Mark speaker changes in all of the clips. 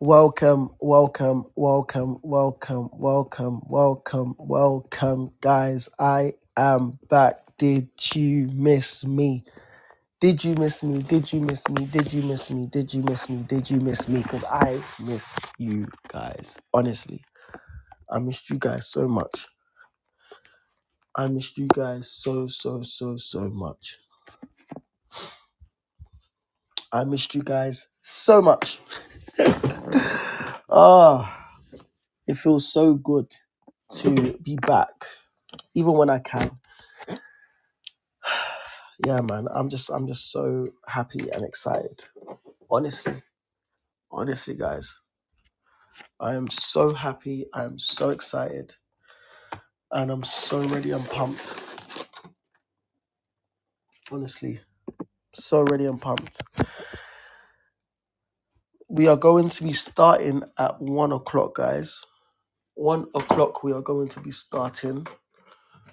Speaker 1: Welcome, welcome, welcome, welcome, welcome, welcome, welcome, guys. I am back. Did you miss me? Did you miss me? Did you miss me? Did you miss me? Did you miss me? Did you miss me? Because I missed you guys. Honestly, I missed you guys so much. I missed you guys so, so, so, so much. I missed you guys so much. Ah, it feels so good to be back, even when I can. yeah, man, I'm just I'm just so happy and excited. Honestly, honestly, guys, I am so happy. I am so excited, and I'm so ready and pumped. Honestly, so ready and pumped. We are going to be starting at one o'clock, guys. One o'clock, we are going to be starting.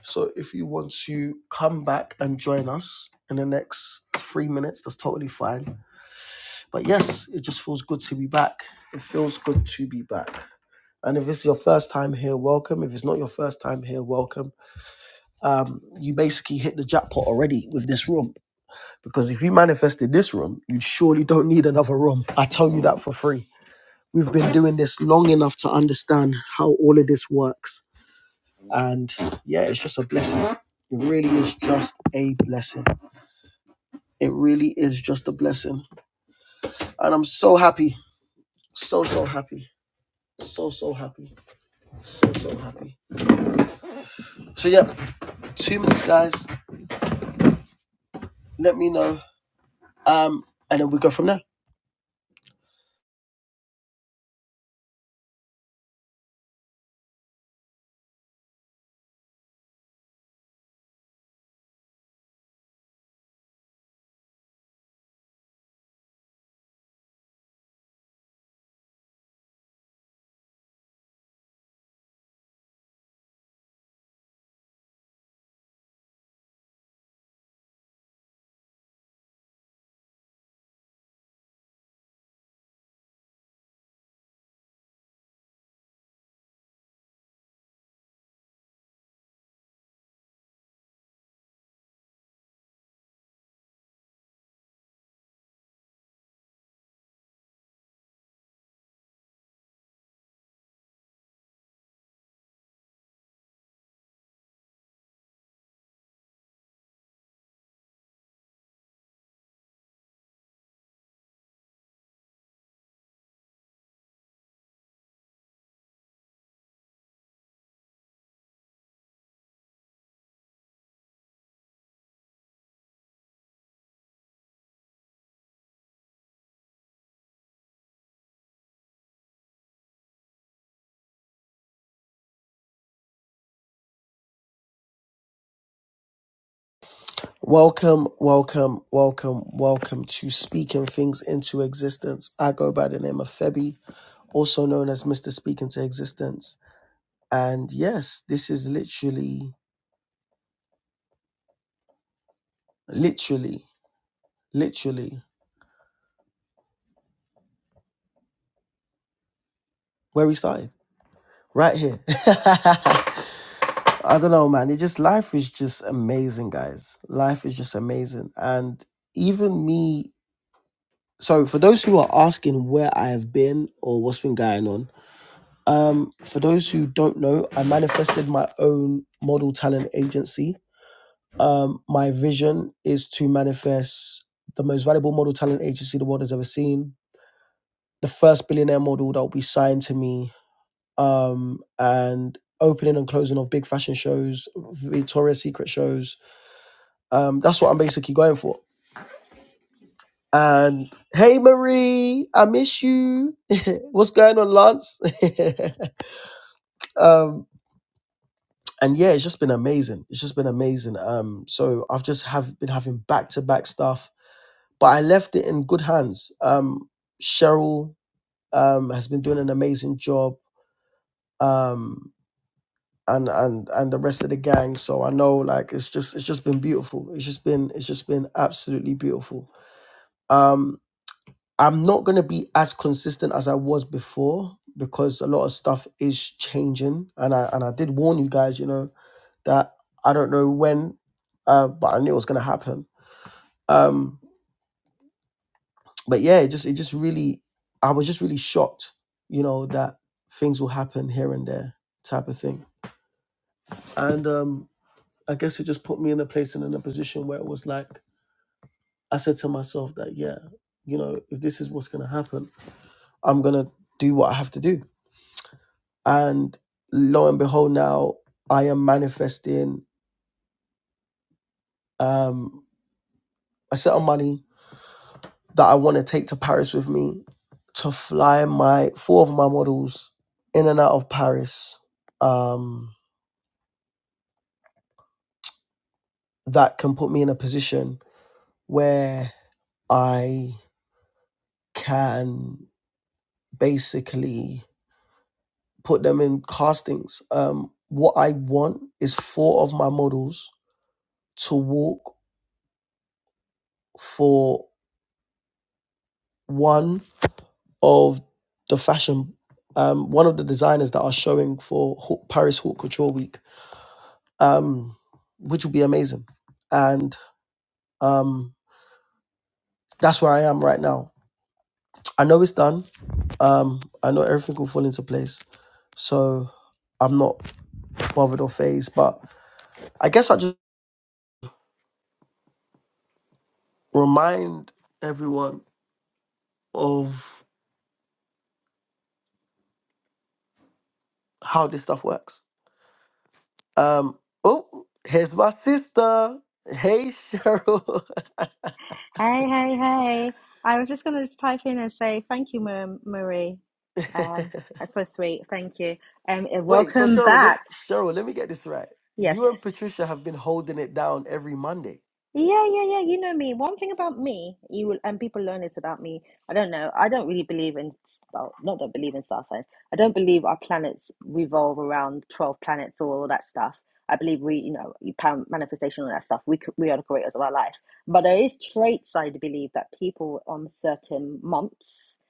Speaker 1: So if you want to come back and join us in the next three minutes, that's totally fine. But yes, it just feels good to be back. It feels good to be back. And if it's your first time here, welcome. If it's not your first time here, welcome. Um, you basically hit the jackpot already with this room because if you manifested this room, you surely don't need another room. I tell you that for free. We've been doing this long enough to understand how all of this works. And yeah, it's just a blessing. It really is just a blessing. It really is just a blessing. And I'm so happy. So, so happy. So, so happy. So, so happy. So, yeah, two minutes, guys. Let me know Um, and then we go from there. Welcome, welcome, welcome, welcome to Speaking Things into Existence. I go by the name of Febby, also known as Mr. Speaking to Existence. And yes, this is literally, literally, literally where we started, right here. I don't know, man. It just, life is just amazing, guys. Life is just amazing. And even me, so for those who are asking where I have been or what's been going on, Um, for those who don't know, I manifested my own model talent agency. Um, my vision is to manifest the most valuable model talent agency the world has ever seen, the first billionaire model that will be signed to me, um, and opening and closing of big fashion shows, Victoria's Secret shows. Um, that's what I'm basically going for. And hey, Marie, I miss you. What's going on, Lance? um, and yeah, it's just been amazing. It's just been amazing. Um, so I've just have been having back to back stuff, but I left it in good hands. Um, Cheryl um has been doing an amazing job. Um, and and and the rest of the gang. So I know like it's just it's just been beautiful. It's just been it's just been absolutely beautiful. Um, I'm not gonna be as consistent as I was before because a lot of stuff is changing, and I and I did warn you guys. You know, that I don't know when, uh, but I knew it was going to happen. Um, but yeah, it just it just really, I was just really shocked, you know, that things will happen here and there, type of thing. And um, I guess it just put me in a place and in a position where it was like I said to myself that yeah, you know, if this is what's going to happen, I'm going to do what I have to do. And lo and behold, now I am manifesting um, a set of money that I want to take to Paris with me to fly my four of my models in and out of Paris. Um, that can put me in a position where I can basically put them in castings. Um, what I want is four of my models to walk for one of the fashion, um, one of the designers that are showing for Haute- Paris Haute Couture Week um, which would be amazing. And um, that's where I am right now. I know it's done. Um, I know everything will fall into place. So I'm not bothered or phased. But I guess I just remind everyone of how this stuff works. Um, oh, here's my sister. Hey, Cheryl.
Speaker 2: Hey, hey, hey. I was just going to type in and say thank you, Ma- Marie. Um, that's so sweet. Thank you. Um, and
Speaker 1: Wait, so
Speaker 2: welcome
Speaker 1: Cheryl, let,
Speaker 2: back.
Speaker 1: Cheryl, let me get this right. You
Speaker 2: Yes.
Speaker 1: and Patricia have been holding it down every Monday.
Speaker 2: Yeah, yeah, yeah. You know me. One thing about me, you will, and people learn this about me. I don't know. I don't really believe in star, not don't believe in star signs. I don't believe our planets revolve around 12 planets or all that stuff. I believe we, you know, you pan- manifestation, all that stuff. We, c- we are the creators of our life. But there is traits I believe that people on certain months,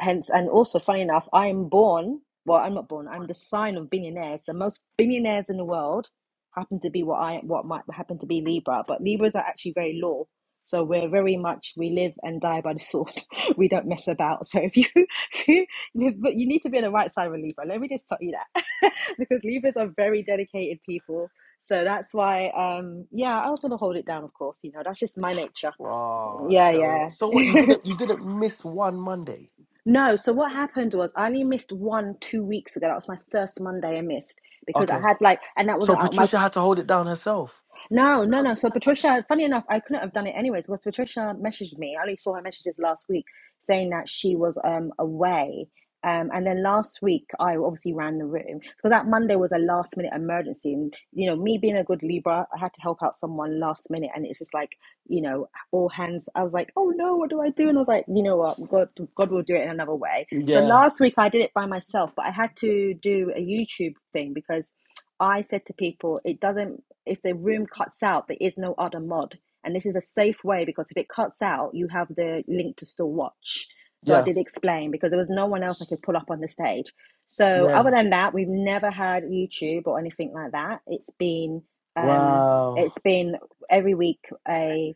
Speaker 2: hence, and also funny enough, I'm born, well, I'm not born, I'm the sign of billionaires, the most billionaires in the world happen to be what I what might happen to be Libra, but Libras are actually very low. So we're very much we live and die by the sword. we don't mess about. So if you, if you but you need to be on the right side of a Libra. Let me just tell you that because Libras are very dedicated people. So that's why um yeah, I was gonna hold it down of course, you know, that's just my nature.
Speaker 1: Oh,
Speaker 2: Yeah,
Speaker 1: so
Speaker 2: yeah.
Speaker 1: so what? You didn't you didn't miss one Monday.
Speaker 2: No, so what happened was I only missed one two weeks ago. That was my first Monday I missed because I
Speaker 1: Okay.
Speaker 2: had like and that
Speaker 1: So
Speaker 2: wasn't out. my.
Speaker 1: Patricia had to hold it down herself.
Speaker 2: No, no, no. So Patricia, funny enough, I couldn't have done it anyways because Patricia messaged me. I only saw her messages last week saying that she was um away. Um, and then last week I obviously ran the room because that Monday was a last minute emergency, and you know me being a good Libra, I had to help out someone last minute, and it's just like you know all hands. I was like, oh no, what do I do? And I was like, you know what, God, God will do it in another way. So
Speaker 1: Yeah.
Speaker 2: last week I did it by myself, but I had to do a YouTube thing because I said to people, it doesn't if the room cuts out, there is no other mod. And this is a safe way because if it cuts out, you have the link to still watch. So I
Speaker 1: Yeah.
Speaker 2: did explain because there was no one else I could pull up on the stage. So
Speaker 1: Yeah.
Speaker 2: other than that, we've never had YouTube or anything like that. It's been um,
Speaker 1: Wow.
Speaker 2: it's been every week a.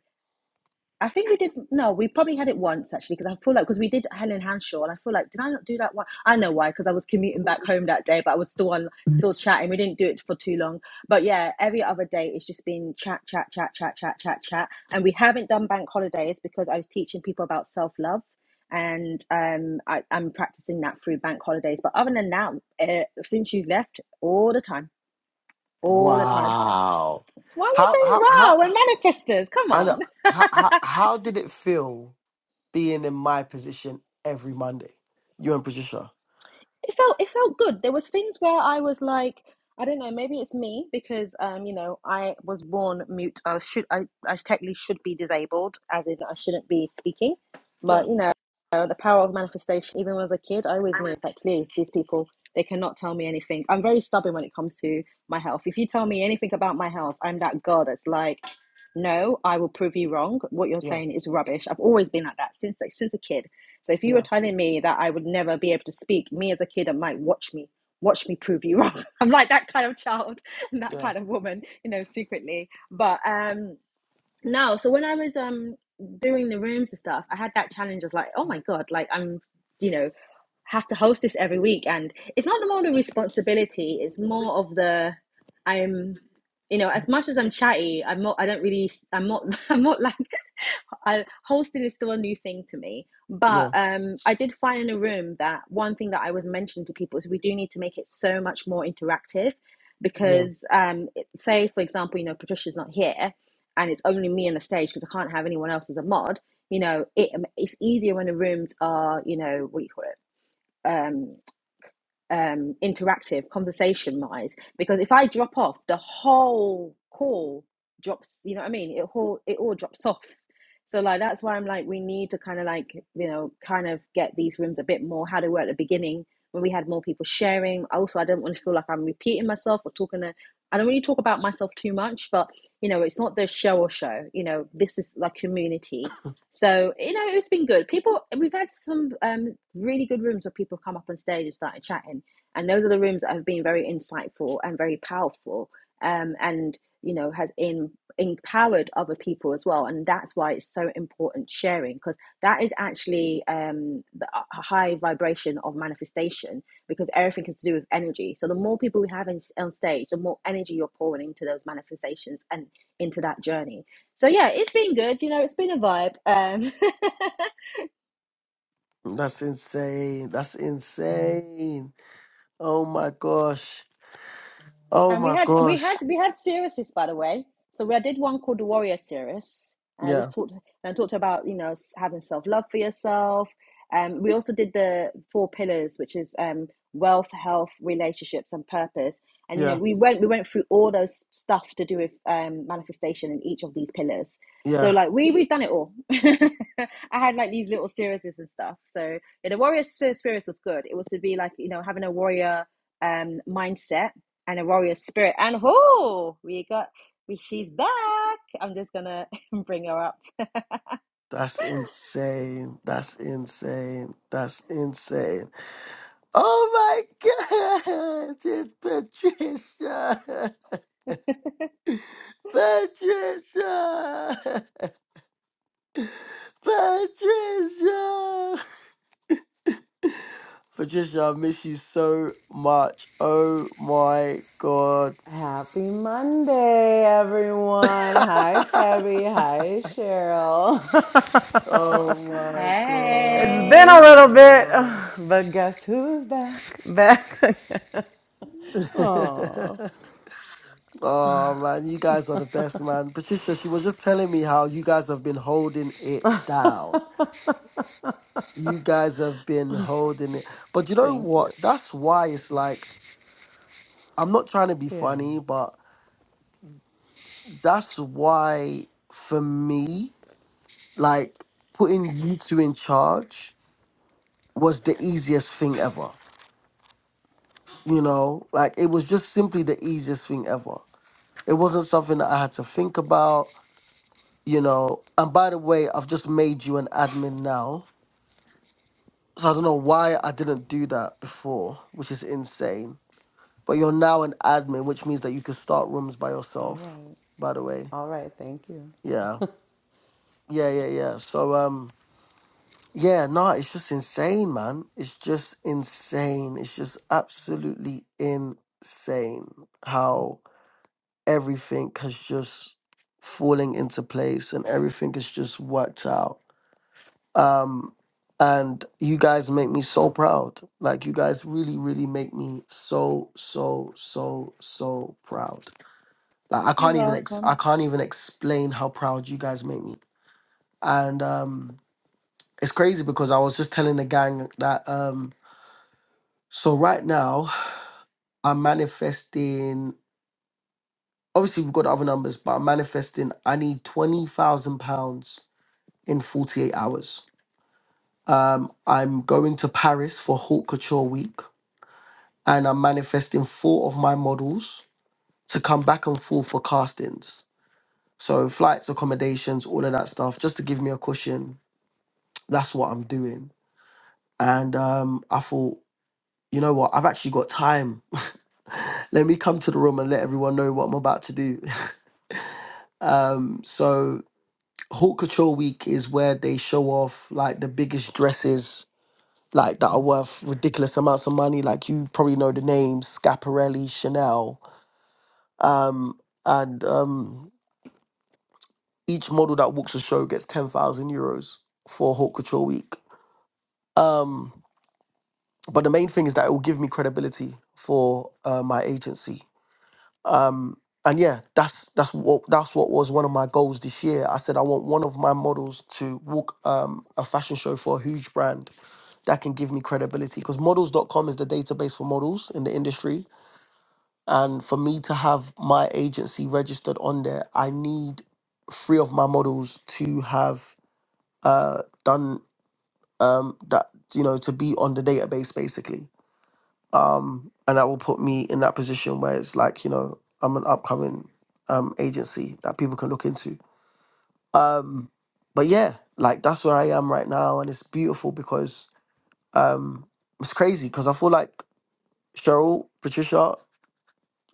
Speaker 2: I think we did. No, we probably had it once actually, because I feel like because we did Helen Hanshaw, and I feel like did I not do that one? I know why, because I was commuting back home that day, but I was still on, still chatting. We didn't do it for too long, but yeah, every other day it's just been chat, chat, chat, chat, chat, chat, chat, and we haven't done bank holidays because I was teaching people about self love, and um, I, I'm practicing that through bank holidays. But other than that, uh, since you've left, all the time, all the time.
Speaker 1: Wow.
Speaker 2: Why are you
Speaker 1: How
Speaker 2: saying
Speaker 1: how how
Speaker 2: wow? We're manifestors. Come
Speaker 1: I
Speaker 2: on.
Speaker 1: know how how, how did it feel being in my position every Monday? You and Patricia.
Speaker 2: it felt it felt good. There was things where I was like, I don't know, maybe it's me because um, you know, I was born mute. I should I I technically should be disabled, as in I shouldn't be speaking.
Speaker 1: Yeah.
Speaker 2: But you know, the power of manifestation. Even when I was a kid, I always knew it's like, please, these people they cannot tell me anything. I'm very stubborn when it comes to my health. If you tell me anything about my health, I'm that girl that's like no, I will prove you wrong. What you're
Speaker 1: Yeah.
Speaker 2: saying is rubbish. I've always been like that since like, since a kid. So if you were
Speaker 1: Yeah.
Speaker 2: telling me that I would never be able to speak, me as a kid, i might watch me, watch me prove you wrong. I'm like that kind of child and that
Speaker 1: Yeah.
Speaker 2: kind of woman, you know, secretly. But um no, so when I was um doing the rooms and stuff, I had that challenge of like, oh my god, like I'm, you know, have to host this every week and it's not more the responsibility it's more of the i'm you know as much as i'm chatty i'm not i don't really i'm not i'm not like I, hosting is still a new thing to me but
Speaker 1: Yeah.
Speaker 2: um i did find in the room that one thing that i was mentioning to people is we do need to make it so much more interactive
Speaker 1: Yeah.
Speaker 2: because um it- say for example you know patricia's not here and it's only me on the stage because i can't have anyone else as a mod you know it, it's easier when the rooms are you know what do you call it um, um, interactive conversation wise because if I drop off, the whole call drops. You know what I mean? It all it all drops off. So like that's why I'm like we need to kind of like you know kind of get these rooms a bit more how they were at the beginning when we had more people sharing. Also, I don't want to feel like I'm repeating myself or talking to. I don't really talk about myself too much, but you know it's not the show or show. You know this is like community. So you know it's been good. People we've had some um, really good rooms where people come up on stage and started chatting and those are the rooms that have been very insightful and very powerful, um, and you know has in, empowered other people as well. And that's why it's so important sharing because that is actually um, the high vibration of manifestation because everything is to do with energy. So the more people we have in, on stage, the more energy you're pouring into those manifestations and into that journey. So yeah, it's been good. You know, it's been a vibe. Um,
Speaker 1: That's insane. That's insane. Oh my gosh. Oh
Speaker 2: And we
Speaker 1: my
Speaker 2: had we
Speaker 1: gosh.
Speaker 2: had we had series, by the way. So I did one called the Warrior Series. And I just talked and I talked about you know having self love for yourself. Um, we also did the four pillars, which is um, wealth, health, relationships, and purpose. And you know
Speaker 1: Yeah,
Speaker 2: we went we went through all those stuff to do with um, manifestation in each of these pillars. So
Speaker 1: yeah.
Speaker 2: like we we've done it all. I had like these little series and stuff. So yeah, the warrior Series was good. It was to be like you know having a warrior um mindset and a warrior spirit. And who we got? We she's back. I'm just gonna bring her up.
Speaker 1: That's insane. That's insane. That's insane. Oh my god! It's Patricia! Patricia! Patricia! Patricia, I miss you so much. Oh my god.
Speaker 3: Happy Monday, everyone. Hi, Febby. Hi, Cheryl.
Speaker 1: oh my
Speaker 3: it's been
Speaker 2: Hey,
Speaker 3: a little bit,
Speaker 1: gosh.
Speaker 3: but guess who's back? Back again. Oh,
Speaker 1: Oh man, you guys are the best, man. Patricia, she was just telling me how you guys have been holding it down. You guys have been holding it. But you know
Speaker 3: thank you.
Speaker 1: what? That's why it's like, I'm not trying to be
Speaker 3: Yeah.
Speaker 1: funny, but that's why for me, like putting you two in charge was the easiest thing ever. You know, like it was just simply the easiest thing ever. It wasn't something that I had to think about, you know. And by the way, I've just made you an admin now So I don't know why I didn't do that before, which is insane. But you're now an admin, which means that you can start rooms by
Speaker 3: All
Speaker 1: yourself.
Speaker 3: right.
Speaker 1: By the way,
Speaker 3: All right. Thank you.
Speaker 1: yeah, yeah, yeah, yeah. So um, yeah, nah, it's just insane, man. It's just insane. It's just absolutely insane how everything has just falling into place and everything has just worked out um and you guys make me so proud like you guys really really make me so so so so proud like i
Speaker 2: you're
Speaker 1: can't even ex- i
Speaker 2: welcome.
Speaker 1: can't even explain how proud you guys make me and um it's crazy because i was just telling the gang that um so right now i'm manifesting obviously we've got other numbers but i'm manifesting i need 20000 pounds in 48 hours um i'm going to paris for haute couture week and I'm manifesting four of my models to come back and forth for castings. So flights, accommodations, all of that stuff, just to give me a cushion. That's what I'm doing. And um, I thought, you know what? I've actually got time. let me come to the room and let everyone know what I'm about to do. um, so Haute Couture Week is where they show off like the biggest dresses, like that are worth ridiculous amounts of money. Like you probably know the names: Scaparelli, Chanel, um, and um, Each model that walks the show gets 10,000 euros for Haute Couture Week. Um, but the main thing is that it will give me credibility for uh, my agency. Um, and yeah, that's that's what that's what was one of my goals this year. I said I want one of my models to walk um, a fashion show for a huge brand that can give me credibility because models.com is the database for models in the industry. And for me to have my agency registered on there, I need three of my models to have uh, done um, that you know to be on the database basically, um, and that will put me in that position where it's like you know I'm an upcoming um, agency that people can look into. Um, but yeah, like that's where I am right now, and it's beautiful because um, it's crazy because I feel like Cheryl, Patricia,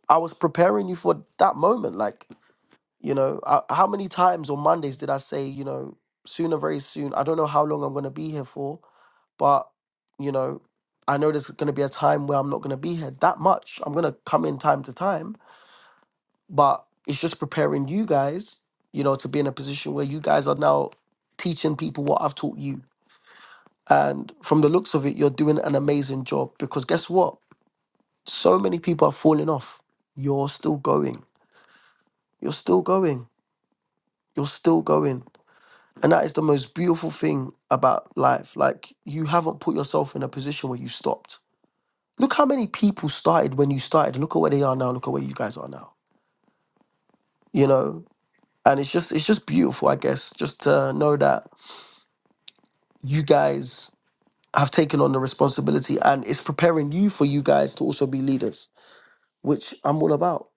Speaker 1: I was preparing you for that moment. Like you know, I, how many times on Mondays did I say you know sooner, very soon? I don't know how long I'm gonna be here for but you know, I know there's going to be a time where I'm not going to be here that much. I'm going to come in time to time, but it's just preparing you guys, you know, to be in a position where you guys are now teaching people what I've taught you. And from the looks of it, you're doing an amazing job because guess what? So many people are falling off. You're still going. You're still going. You're still going. And that is the most beautiful thing about life. Like, you haven't put yourself in a position where you stopped Look how many people started when you started. and Look at where they are now. Look at where you guys are now. You know, and it's just it's just beautiful, I guess, just to know that you guys have taken on the responsibility and it's preparing you for you guys to also be leaders, which I'm all about.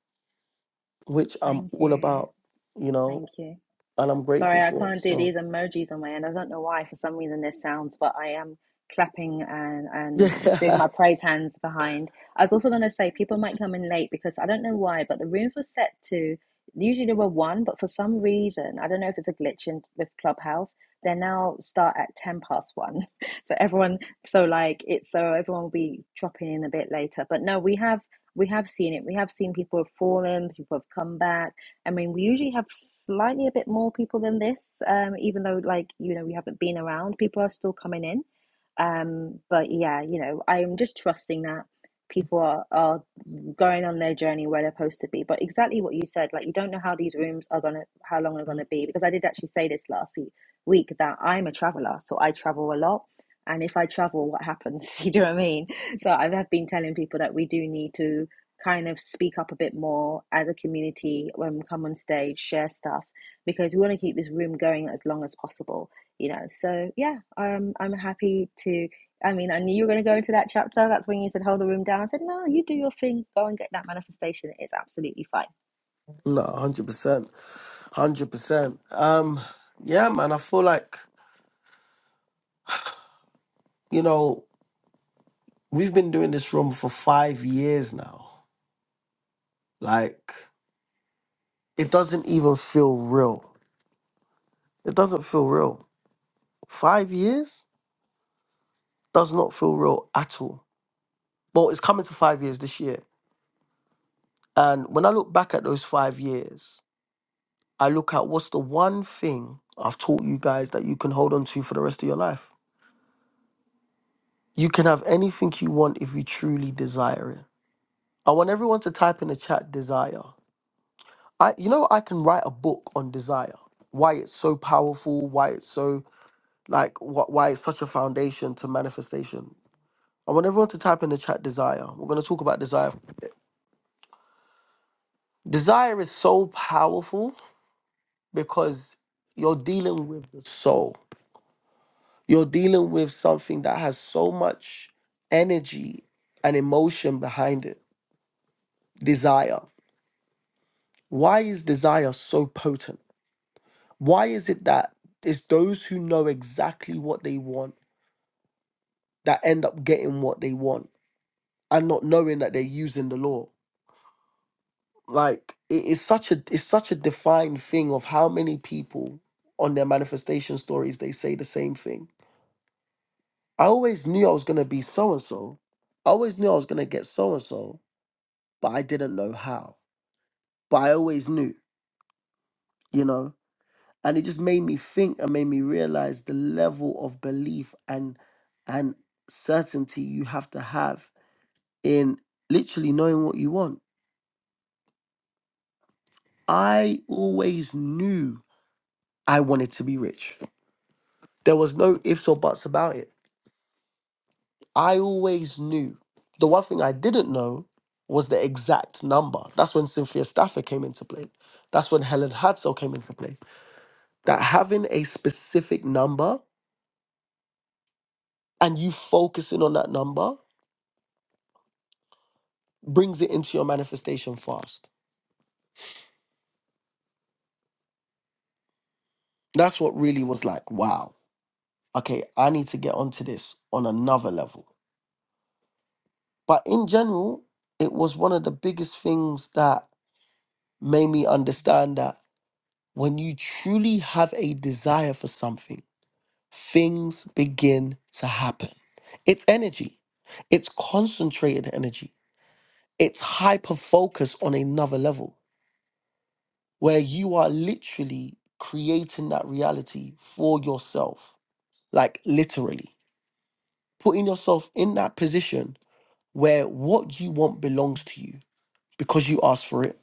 Speaker 1: Which I'm
Speaker 2: Thank
Speaker 1: all
Speaker 2: you.
Speaker 1: about. You
Speaker 2: Thank
Speaker 1: know,
Speaker 2: you.
Speaker 1: and I'm grateful
Speaker 2: Sorry, I
Speaker 1: for it.
Speaker 2: can't do
Speaker 1: So
Speaker 2: these emojis on my end. I don't know why. For some reason, this sounds, but I am clapping and and doing
Speaker 1: yeah,
Speaker 2: my praise hands behind. I was also going to say people might come in late because I don't know why, but the rooms were set to. Usually there were one, but for some reason, I don't know if it's a glitch in with Clubhouse. They now start at ten past one, so everyone, so like it's so everyone will be dropping in a bit later. But no, we have we have seen it. We have seen people have fallen, people have come back I mean, we usually have slightly a bit more people than this, um, even though, like, you know, we haven't been around, people are still coming in. Um, but yeah, you know, I'm just trusting that people are, are going on their journey where they're supposed to be. But exactly what you said, like, you don't know how these rooms are gonna, how long they're gonna be, because I did actually say this last week, week that I'm a traveler, so I travel a lot. And if I travel, what happens? You know what I mean? So I have been telling people that we do need to kind of speak up a bit more as a community when we come on stage, share stuff because we want to keep this room going as long as possible, you know. So yeah, um, I'm happy to. I mean, I knew you were going to go into that chapter. That's when you said hold the room down. I said, no, you do your thing. Go and get that manifestation. It's absolutely fine.
Speaker 1: no, hundred percent, hundred percent. Um, yeah, man, I feel like you know we've been doing this room for five years now, like. It doesn't even feel real. It doesn't feel real. Five years does not feel real at all. Well, it's coming to five years this year. And when I look back at those five years, I look at what's the one thing I've taught you guys that you can hold on to for the rest of your life. You can have anything you want if you truly desire it. I want everyone to type in the chat desire. I you know I can write a book on desire. Why it's so powerful, why it's so like wh- why it's such a foundation to manifestation. I want everyone to type in the chat desire. We're going to talk about desire. for a bit. Desire is so powerful because you're dealing with the soul. You're dealing with something that has so much energy and emotion behind it. Desire. Why is desire so potent? Why is it that it's those who know exactly what they want that end up getting what they want and not knowing that they're using the law? like it's such a it's such a defined thing of how many people on their manifestation stories they say the same thing. I always knew I was gonna be so and so. I always knew I was gonna get so and so, but I didn't know how. But I always knew, you know. And it just made me think and made me realize the level of belief and and certainty you have to have in literally knowing what you want. I always knew I wanted to be rich. There was no ifs or buts about it. I always knew. The one thing I didn't know was the exact number. That's when Cynthia Stafford came into play. That's when Helen Hadsell came into play. That having a specific number and you focusing on that number brings it into your manifestation fast. That's what really was like, wow, okay, I need to get onto this on another level. But in general, it was one of the biggest things that made me understand that When you truly have a desire for something, things begin to happen. It's energy, it's concentrated energy, it's hyper focus on another level where you are literally creating that reality for yourself, like literally putting yourself in that position where what you want belongs to you because you asked for it.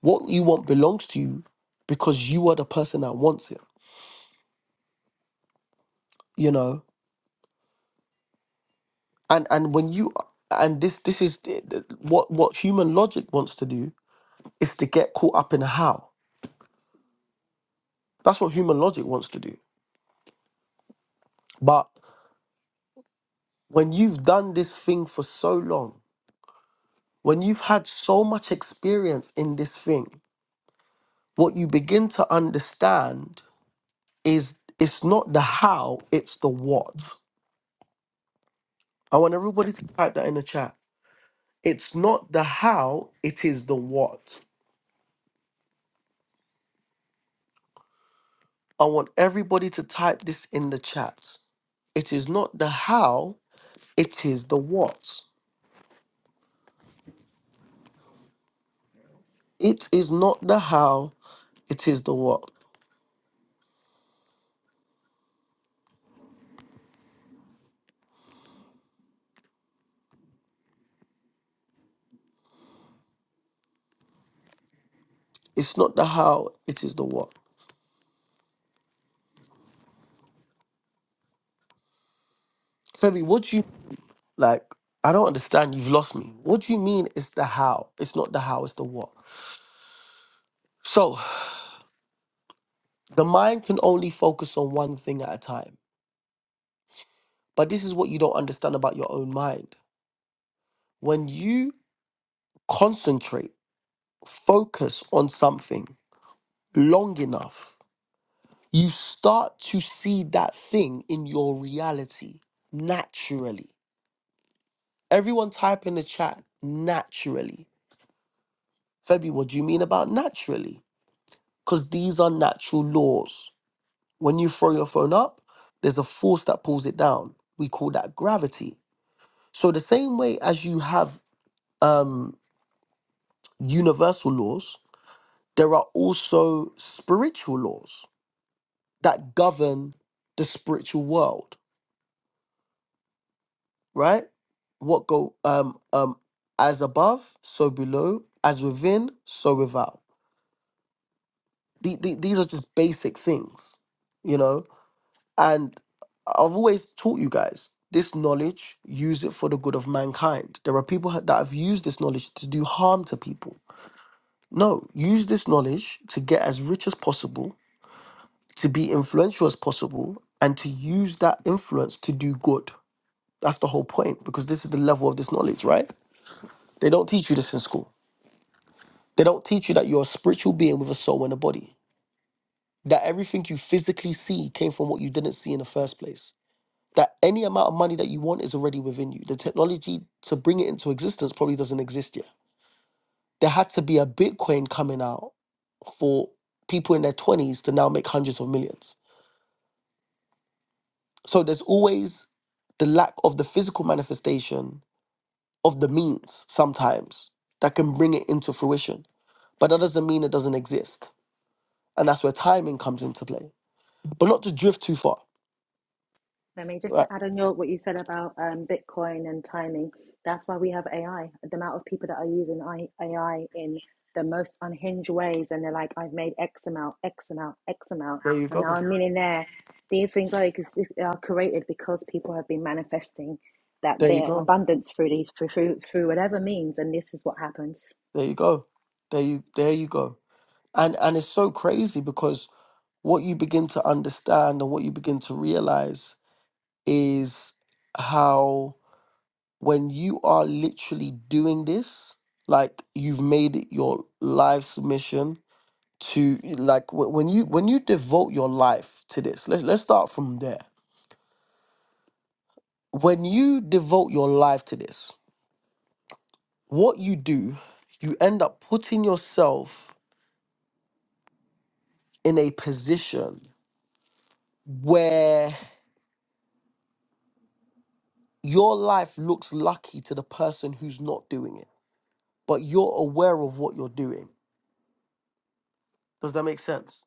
Speaker 1: What you want belongs to you because you are the person that wants it, you know? and and when you and this this is the- the- what what human logic wants to do is to get caught up in how that's what human logic wants to do but when you've done this thing for so long when you've had so much experience in this thing what you begin to understand is it's not the how it's the what i want everybody to type that in the chat it's not the how it is the what I want everybody to type this in the chat. It is not the how, it is the what. It is not the how, it is the what. It's not the how, it is the what. Femi, what do you like? I don't understand. You've lost me. What do you mean it's the how? It's not the how, it's the what. So the mind can only focus on one thing at a time. But this is what you don't understand about your own mind. When you concentrate, focus on something long enough, you start to see that thing in your reality naturally. Everyone type in the chat naturally. Febby, what do you mean about naturally? Because these are natural laws. When you throw your phone up, there's a force that pulls it down. We call that gravity. So the same way as you have um, universal laws, there are also spiritual laws that govern the spiritual world right? What go um um as above, so below, as within, so without. The, the, these are just basic things, you know. And I've always taught you guys this knowledge. Use it for the good of mankind. There are people ha- that have used this knowledge to do harm to people. No, use this knowledge to get as rich as possible, to be influential as possible, and to use that influence to do good. That's the whole point because this is the level of this knowledge, right? They don't teach you this in school They don't teach you that you're a spiritual being with a soul and a body. That everything you physically see came from what you didn't see in the first place. That any amount of money that you want is already within you. The technology to bring it into existence probably doesn't exist yet. There had to be a Bitcoin coming out for people in their 20s to now make hundreds of millions. So there's always the lack of the physical manifestation of the means sometimes that can bring it into fruition. But that doesn't mean it doesn't exist. And that's where timing comes into play but not to drift too far.
Speaker 2: I mean, just to
Speaker 1: Right.
Speaker 2: add on your what you said about um, Bitcoin and timing, that's why we have AI. The amount of people that are using I- AI in the most unhinged ways, and they're like, "I've made X amount, X amount, X amount,
Speaker 1: There you
Speaker 2: and now
Speaker 1: go.
Speaker 2: I'm a millionaire." These things are ex- are created because people have been manifesting that
Speaker 1: There you
Speaker 2: their
Speaker 1: go.
Speaker 2: abundance through these through through through whatever means, and this is what happens.
Speaker 1: There you go. There you there you go. And and it's so crazy because what you begin to understand and what you begin to realize is how when you are literally doing this, like you've made it your life's mission to like wh- when you when you devote your life to this. Let's let's start from there. When you devote your life to this, what you do, you end up putting yourself in a position where your life looks lucky to the person who's not doing it, but you're aware of what you're doing. Does that make sense?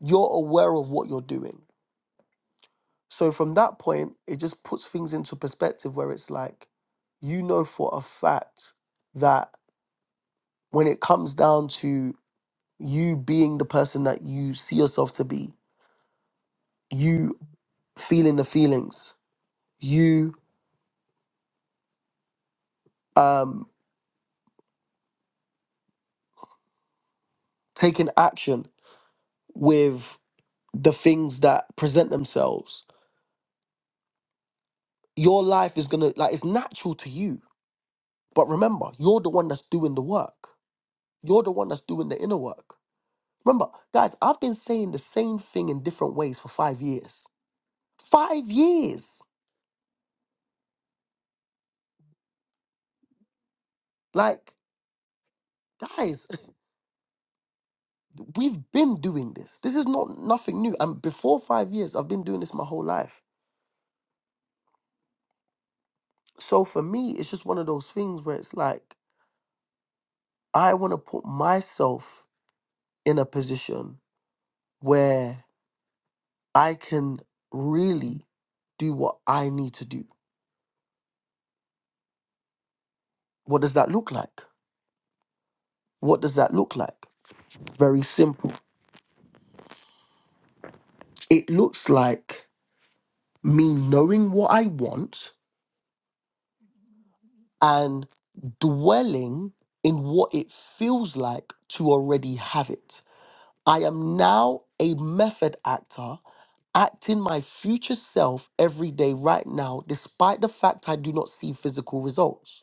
Speaker 1: You're aware of what you're doing. So from that point, it just puts things into perspective where it's like, you know for a fact that when it comes down to you being the person that you see yourself to be, you feeling the feelings, you. um, taking action with the things that present themselves, your life is gonna like it's natural to you. But remember, you're the one that's doing the work. You're the one that's doing the inner work. Remember, guys, I've been saying the same thing in different ways for five years. Five years. Like, guys, we've been doing this. This is not nothing new. And before five years, I've been doing this my whole life. So for me, it's just one of those things where it's like, I want to put myself in a position where I can really do what I need to do. What does that look like? What does that look like? Very simple. It looks like me knowing what I want and dwelling in what it feels like to already have it. I am now a method actor acting my future self every day right now, despite the fact I do not see physical results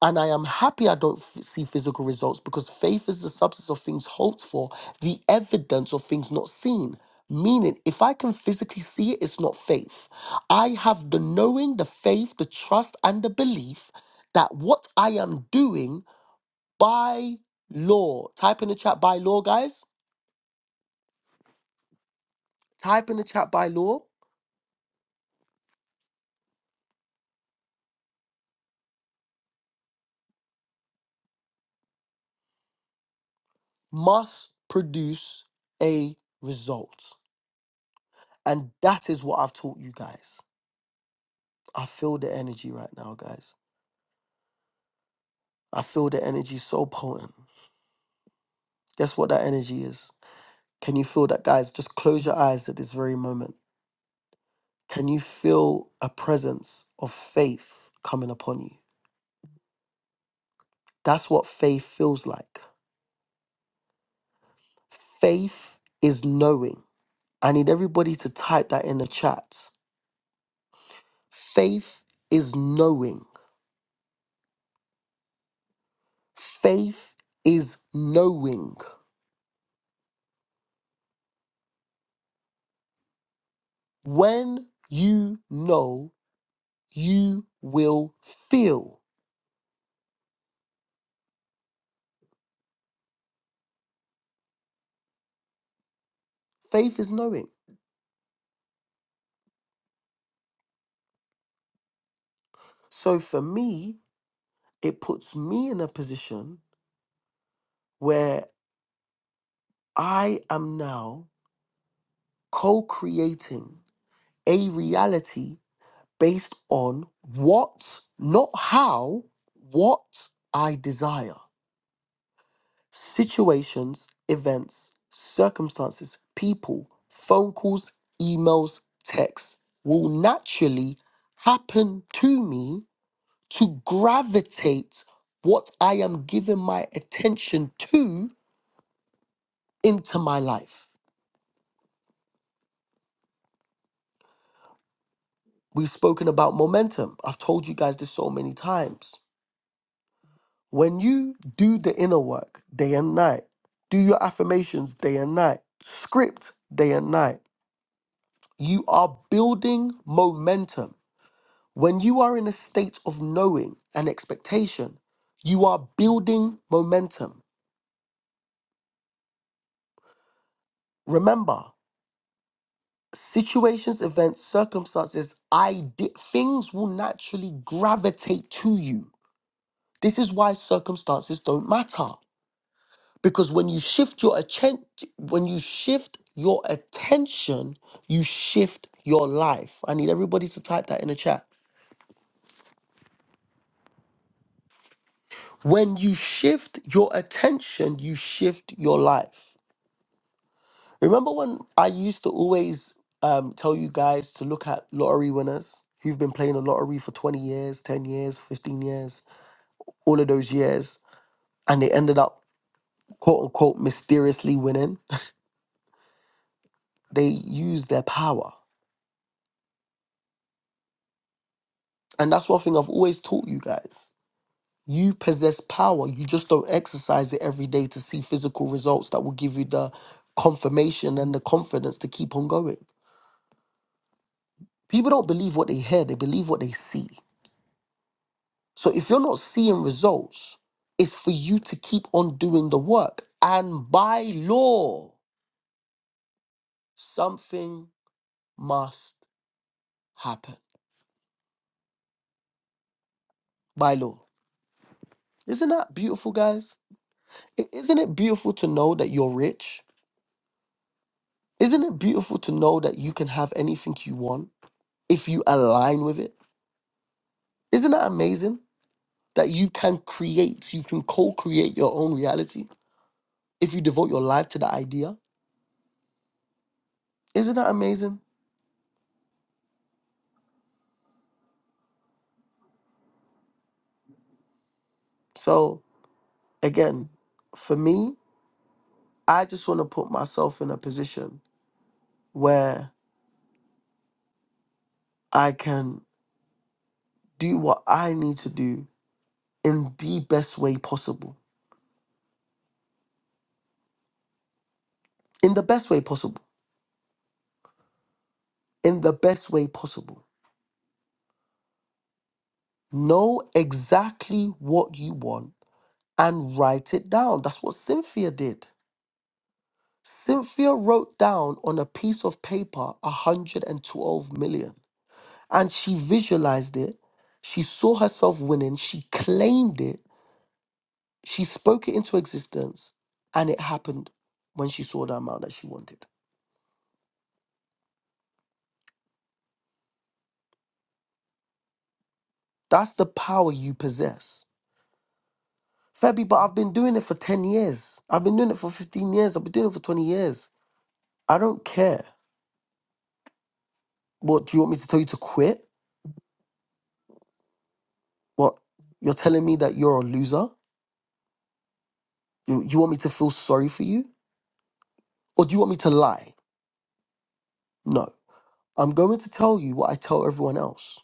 Speaker 1: And I am happy I don't f- see physical results because faith is the substance of things hoped for, the evidence of things not seen. Meaning, if I can physically see it, it's not faith. I have the knowing, the faith, the trust, and the belief that what I am doing by law, type in the chat by law, guys, type in the chat by law, must produce a result. And that is what I've taught you guys. I feel the energy right now, guys. I feel the energy so potent. Guess what that energy is? Can you feel that, guys? Just close your eyes at this very moment. Can you feel a presence of faith coming upon you? That's what faith feels like. Faith is knowing. I need everybody to type that in the chat. Faith is knowing. Faith is knowing. When you know, you will feel. Faith is knowing. So for me, it puts me in a position where I am now co creating a reality based on what, not how, what I desire. Situations, events, circumstances, people, phone calls, emails, texts will naturally happen to me to gravitate what I am giving my attention to into my life. We've spoken about momentum. I've told you guys this so many times. When you do the inner work day and night, do your affirmations day and night, script day and night, you are building momentum. When you are in a state of knowing and expectation, you are building momentum. Remember, situations, events, circumstances, ide- things will naturally gravitate to you. This is why circumstances don't matter. because when you shift your attention when you shift your attention you shift your life i need everybody to type that in the chat when you shift your attention you shift your life remember when i used to always um, tell you guys to look at lottery winners who've been playing the lottery for 20 years 10 years 15 years all of those years and they ended up quote unquote mysteriously winning they use their power and that's one thing i've always taught you guys You possess power. You just don't exercise it every day to see physical results that will give you the confirmation and the confidence to keep on going. People don't believe what they hear, they believe what they see. So if you're not seeing results, it's for you to keep on doing the work. And by law, something must happen. By law. Isn't that beautiful, guys? I- Isn't it beautiful to know that you're rich? Isn't it beautiful to know that you can have anything you want? if you align with it. Isn't that amazing that you can create, you can co create your own reality if you devote your life to the idea? Isn't that amazing? So, again, for me, I just want to put myself in a position where I can do what I need to do in the best way possible. In the best way possible. In the best way possible. Know exactly what you want and write it down. That's what Cynthia did. Cynthia wrote down on a piece of paper 112 million and she visualized it. She saw herself winning. She claimed it. She spoke it into existence and it happened when she saw the amount that she wanted. That's the power you possess. Febby, but I've been doing it for 10 years. I've been doing it for 15 years. I've been doing it for 20 years. I don't care. What, do you want me to tell you to quit? What, you're telling me that you're a loser? You, you want me to feel sorry for you? Or do you want me to lie? No. I'm going to tell you what I tell everyone else.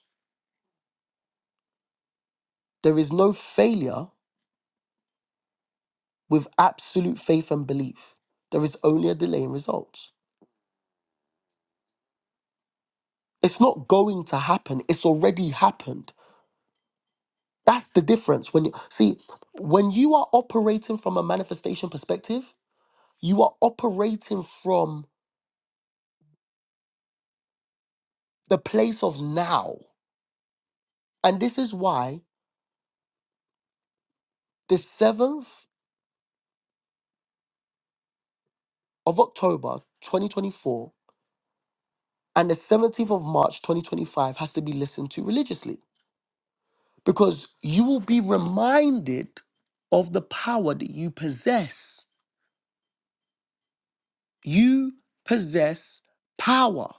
Speaker 1: There is no failure with absolute faith and belief. There is only a delay in results. It's not going to happen, it's already happened. That's the difference. When you see, when you are operating from a manifestation perspective, you are operating from the place of now. And this is why the 7th of October 2024 and the 17th of March 2025 has to be listened to religiously because you will be reminded of the power that you possess. You possess power.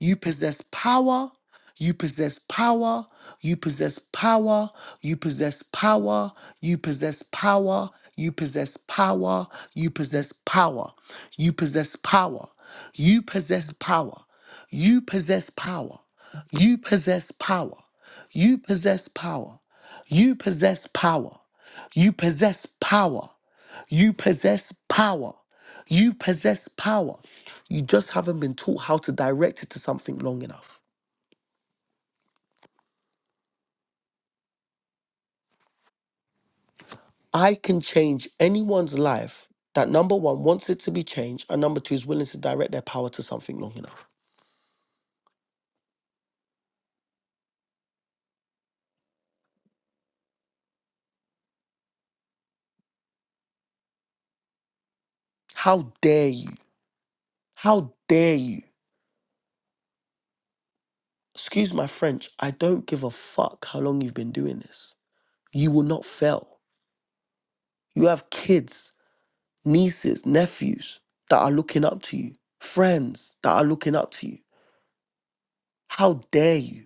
Speaker 1: You possess power. You possess power. You possess power. You possess power. You possess power. You possess power. You possess power. You possess power. You possess power. You possess power. You possess power. You possess power. You possess power. You possess power. You possess power. You possess power. You just haven't been taught how to direct it to something long enough. I can change anyone's life that number one wants it to be changed, and number two is willing to direct their power to something long enough. How dare you? How dare you? Excuse my French, I don't give a fuck how long you've been doing this. You will not fail. You have kids, nieces, nephews that are looking up to you, friends that are looking up to you. How dare you?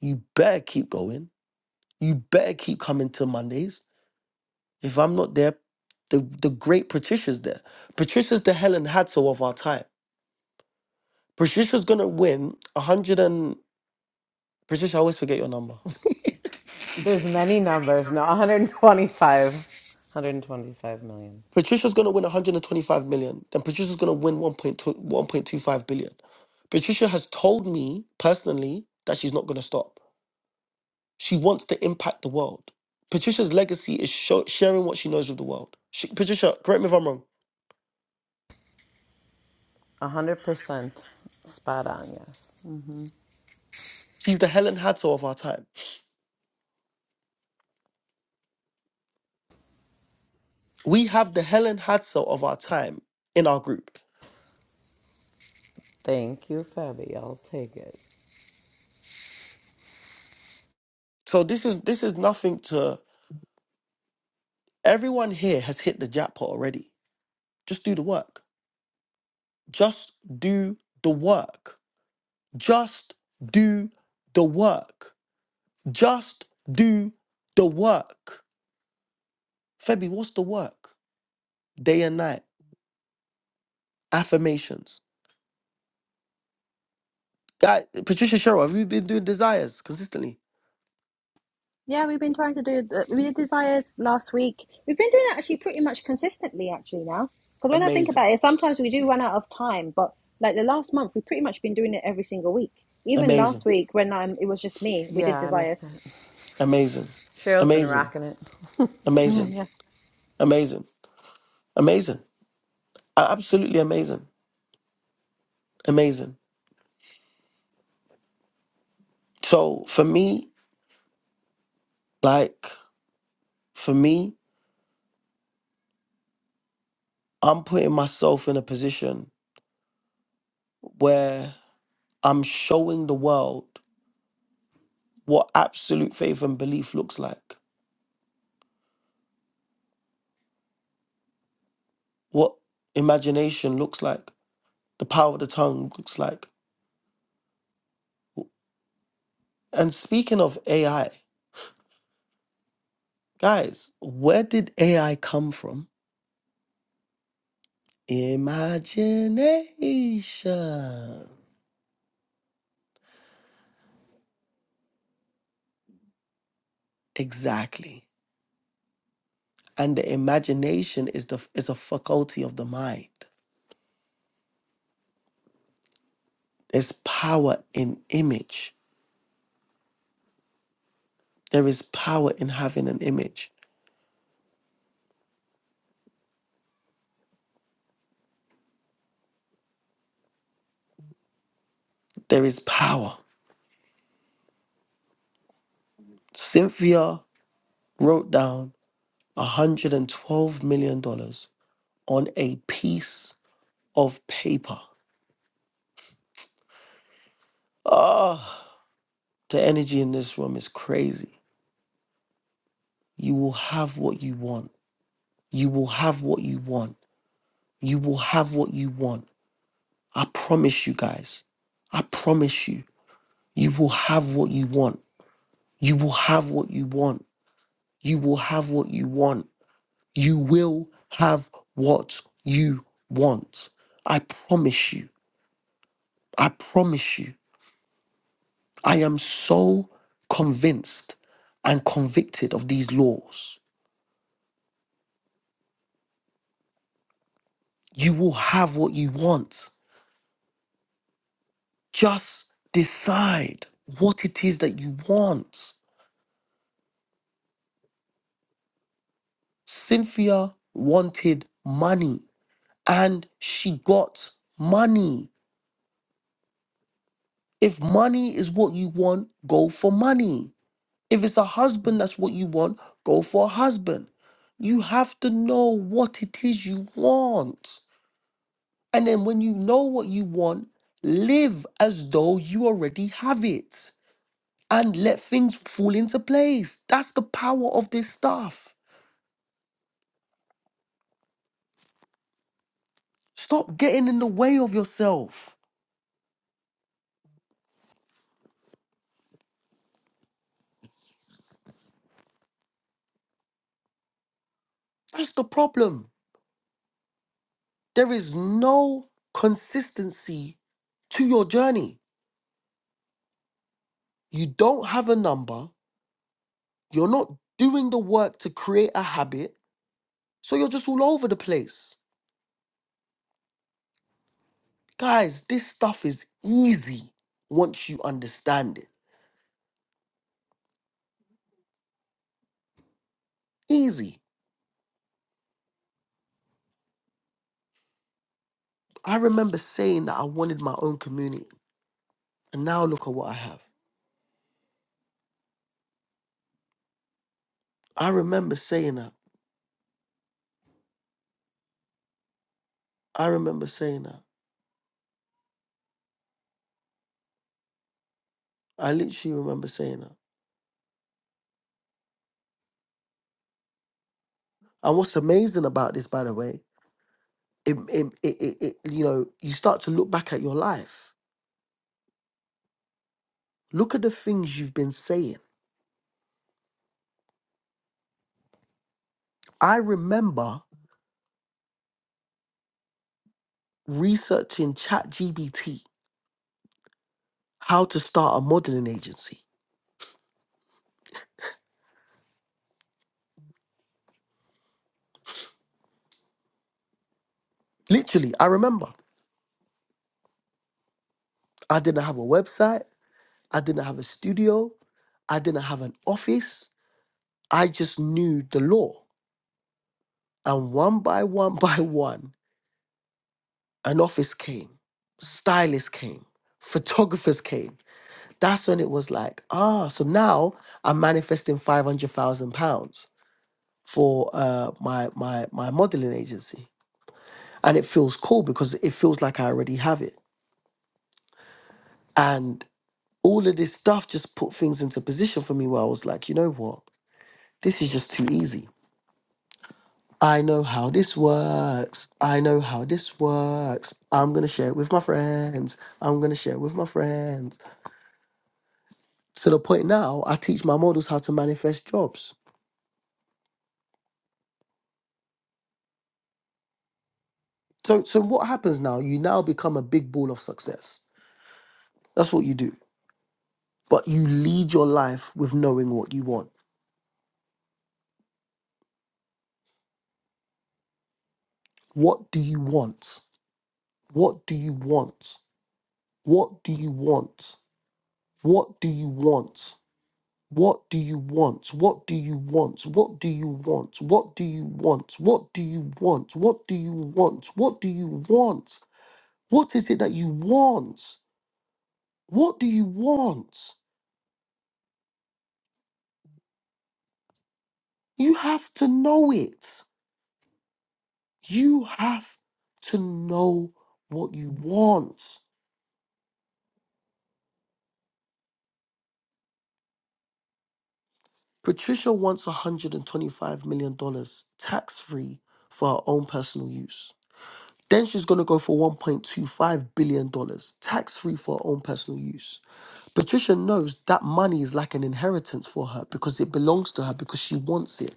Speaker 1: You better keep going. You better keep coming to Mondays. If I'm not there, the, the great Patricia's there. Patricia's the Helen Hadsel of our time. Patricia's gonna win a hundred and Patricia, I always forget your number.
Speaker 3: There's many numbers. No, 125. 125 million.
Speaker 1: Patricia's gonna win 125 million, then Patricia's gonna win 1.2 1.25 billion. Patricia has told me personally that she's not gonna stop. She wants to impact the world. Patricia's legacy is sho- sharing what she knows with the world. She, Patricia, correct me if I'm wrong.
Speaker 3: 100% spot on, yes. hmm
Speaker 1: She's the Helen Hadsel of our time. We have the Helen Hadsel of our time in our group.
Speaker 3: Thank you, Fabby. I'll take it.
Speaker 1: So this is this is nothing to everyone here has hit the jackpot already. Just do the work. Just do the work. Just do the work. Just do the work. Febby, what's the work? Day and night. Affirmations. Guy, Patricia Sherrill, have you been doing desires consistently?
Speaker 2: Yeah, we've been trying to do the, we did desires last week. We've been doing it actually pretty much consistently actually now. Because when I think
Speaker 1: Amazing.
Speaker 2: about it, sometimes we do run out of time, but like the last month, we've pretty much been doing it every single week. Even last
Speaker 1: Amazing.
Speaker 2: week when um it was just me, we
Speaker 3: Yeah,
Speaker 2: did
Speaker 3: I missed
Speaker 2: desires.
Speaker 3: it.
Speaker 1: Amazing.
Speaker 3: Cheryl's been
Speaker 1: Amazing.
Speaker 3: rocking it.
Speaker 2: Yeah,
Speaker 1: Amazing.
Speaker 2: yeah.
Speaker 1: Amazing. Amazing. A- Absolutely amazing. Amazing. So for me, like, for me, I'm putting myself in a position where I'm showing the world what absolute faith and belief looks like, what imagination looks like, the power of the tongue looks like. And speaking of AI, guys, where did AI come from? Imagination. Exactly. And the imagination is the is a faculty of the mind. There's power in image. There is power in having an image. There is power. Cynthia wrote down $112 million dollars on a piece of paper. Ah, the energy in this room is crazy. You will have what you want. You will have what you want. You will have what you want. I promise you guys. I promise you, you will have what you want. You will have what you want. You will have what you want. You will have what you want. I promise you. I promise you. I am so convinced and convicted of these laws. You will have what you want. Just decide what it is that you want. Cynthia wanted money and she got money. If money is what you want, go for money. If it's a husband, that's what you want, go for a husband. You have to know what it is you want. And then when you know what you want, live as though you already have it and let things fall into place. That's the power of this stuff. Stop getting in the way of yourself. That's the problem. There is no consistency to your journey. You don't have a number. You're not doing the work to create a habit So you're just all over the place. Guys, this stuff is easy once you understand it. Easy. I remember saying that I wanted my own community, and now look at what I have. I remember saying that. I remember saying that. I literally remember saying that. And what's amazing about this, by the way, it, it, it, it, it- you know, you start to look back at your life. Look at the things you've been saying. I remember researching ChatGPT, how to start a modeling agency. Literally, I remember I didn't have a website, I didn't have a studio, I didn't have an office. I just knew the law. And one by one by one, an office came, stylists came, photographers came. That's when it was like, ah, so now I'm manifesting five hundred thousand pounds for uh, my my my modeling agency, and it feels cool because it feels like I already have it. And all of this stuff just put things into position for me where I was like, you know what? This is just too easy. I know how this works. I know how this works. I'm going to share it with my friends. I'm going to share it with my friends. To the point now, I teach my models how to manifest jobs. So, so what happens now? You now become a big ball of success. That's what you do. But you lead your life with knowing what you want. What do you want? What do you want? What do you want? What do you want? What do you want? What do you want? What do you want? What do you want? What do you want? What do you want? What do you want? What is it that you want? What do you want? You have to know it. You have to know what you want. Patricia wants $125 million dollars tax free for her own personal use. Then she's going to go for $1.25 billion dollars tax free for her own personal use. Patricia knows that money is like an inheritance for her because it belongs to her because she wants it.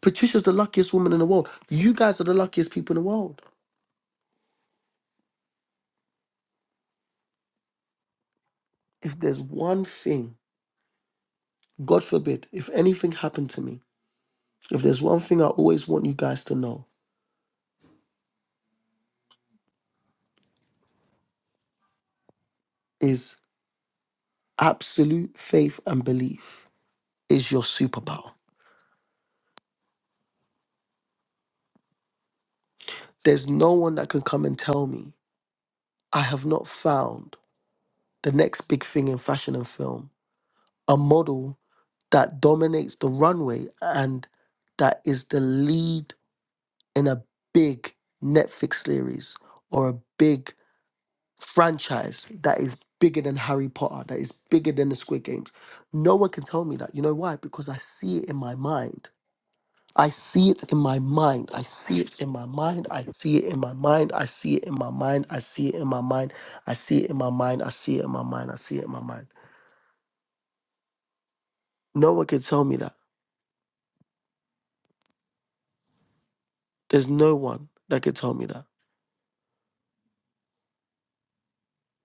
Speaker 1: Patricia's the luckiest woman in the world. You guys are the luckiest people in the world. If there's one thing, God forbid, if anything happened to me, if there's one thing I always want you guys to know is absolute faith and belief is your superpower. There's no one that can come and tell me I have not found the next big thing in fashion and film, a model that dominates the runway and that is the lead in a big Netflix series or a big franchise that is bigger than Harry Potter, that is bigger than the Squid Games. No one can tell me that. You know why? Because I see it in my mind. I see it in my mind. I see it in my mind. I see it in my mind. I see it in my mind. I see it in my mind. I see it in my mind. I see it in my mind. I see it in my mind. No one can tell me that. There's no one that can tell me that.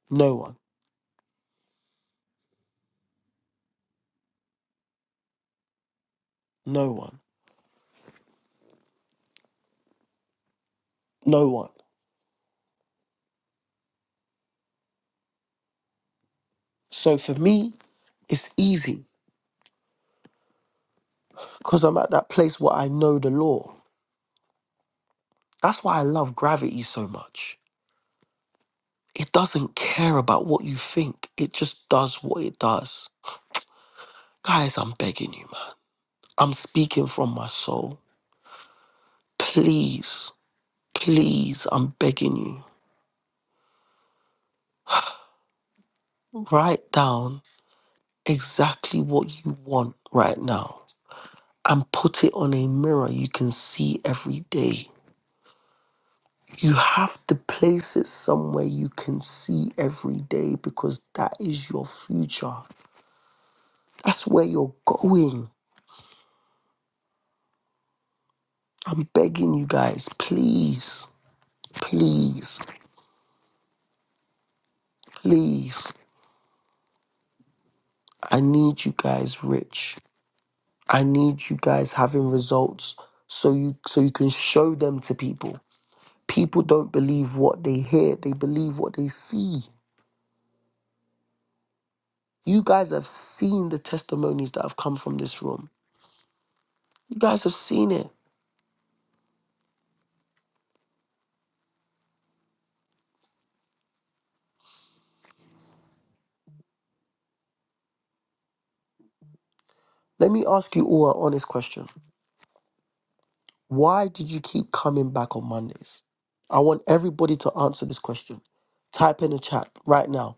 Speaker 1: No one. No one. No one. So for me, it's easy because I'm at that place where I know the law. That's why I love gravity so much. It doesn't care about what you think, it just does what it does. Guys, I'm begging you, man. I'm speaking from my soul. Please, please, I'm begging you, write down exactly what you want right now and put it on a mirror you can see every day. You have to place it somewhere you can see every day because that is your future. That's where you're going. I'm begging you guys, please, please, please. I need you guys rich. I need you guys having results so you so you can show them to people. People don't believe what they hear, they believe what they see. You guys have seen the testimonies that have come from this room. You guys have seen it. Let me ask you all an honest question. Why did you keep coming back on Mondays? I want everybody to answer this question. Type in the chat right now.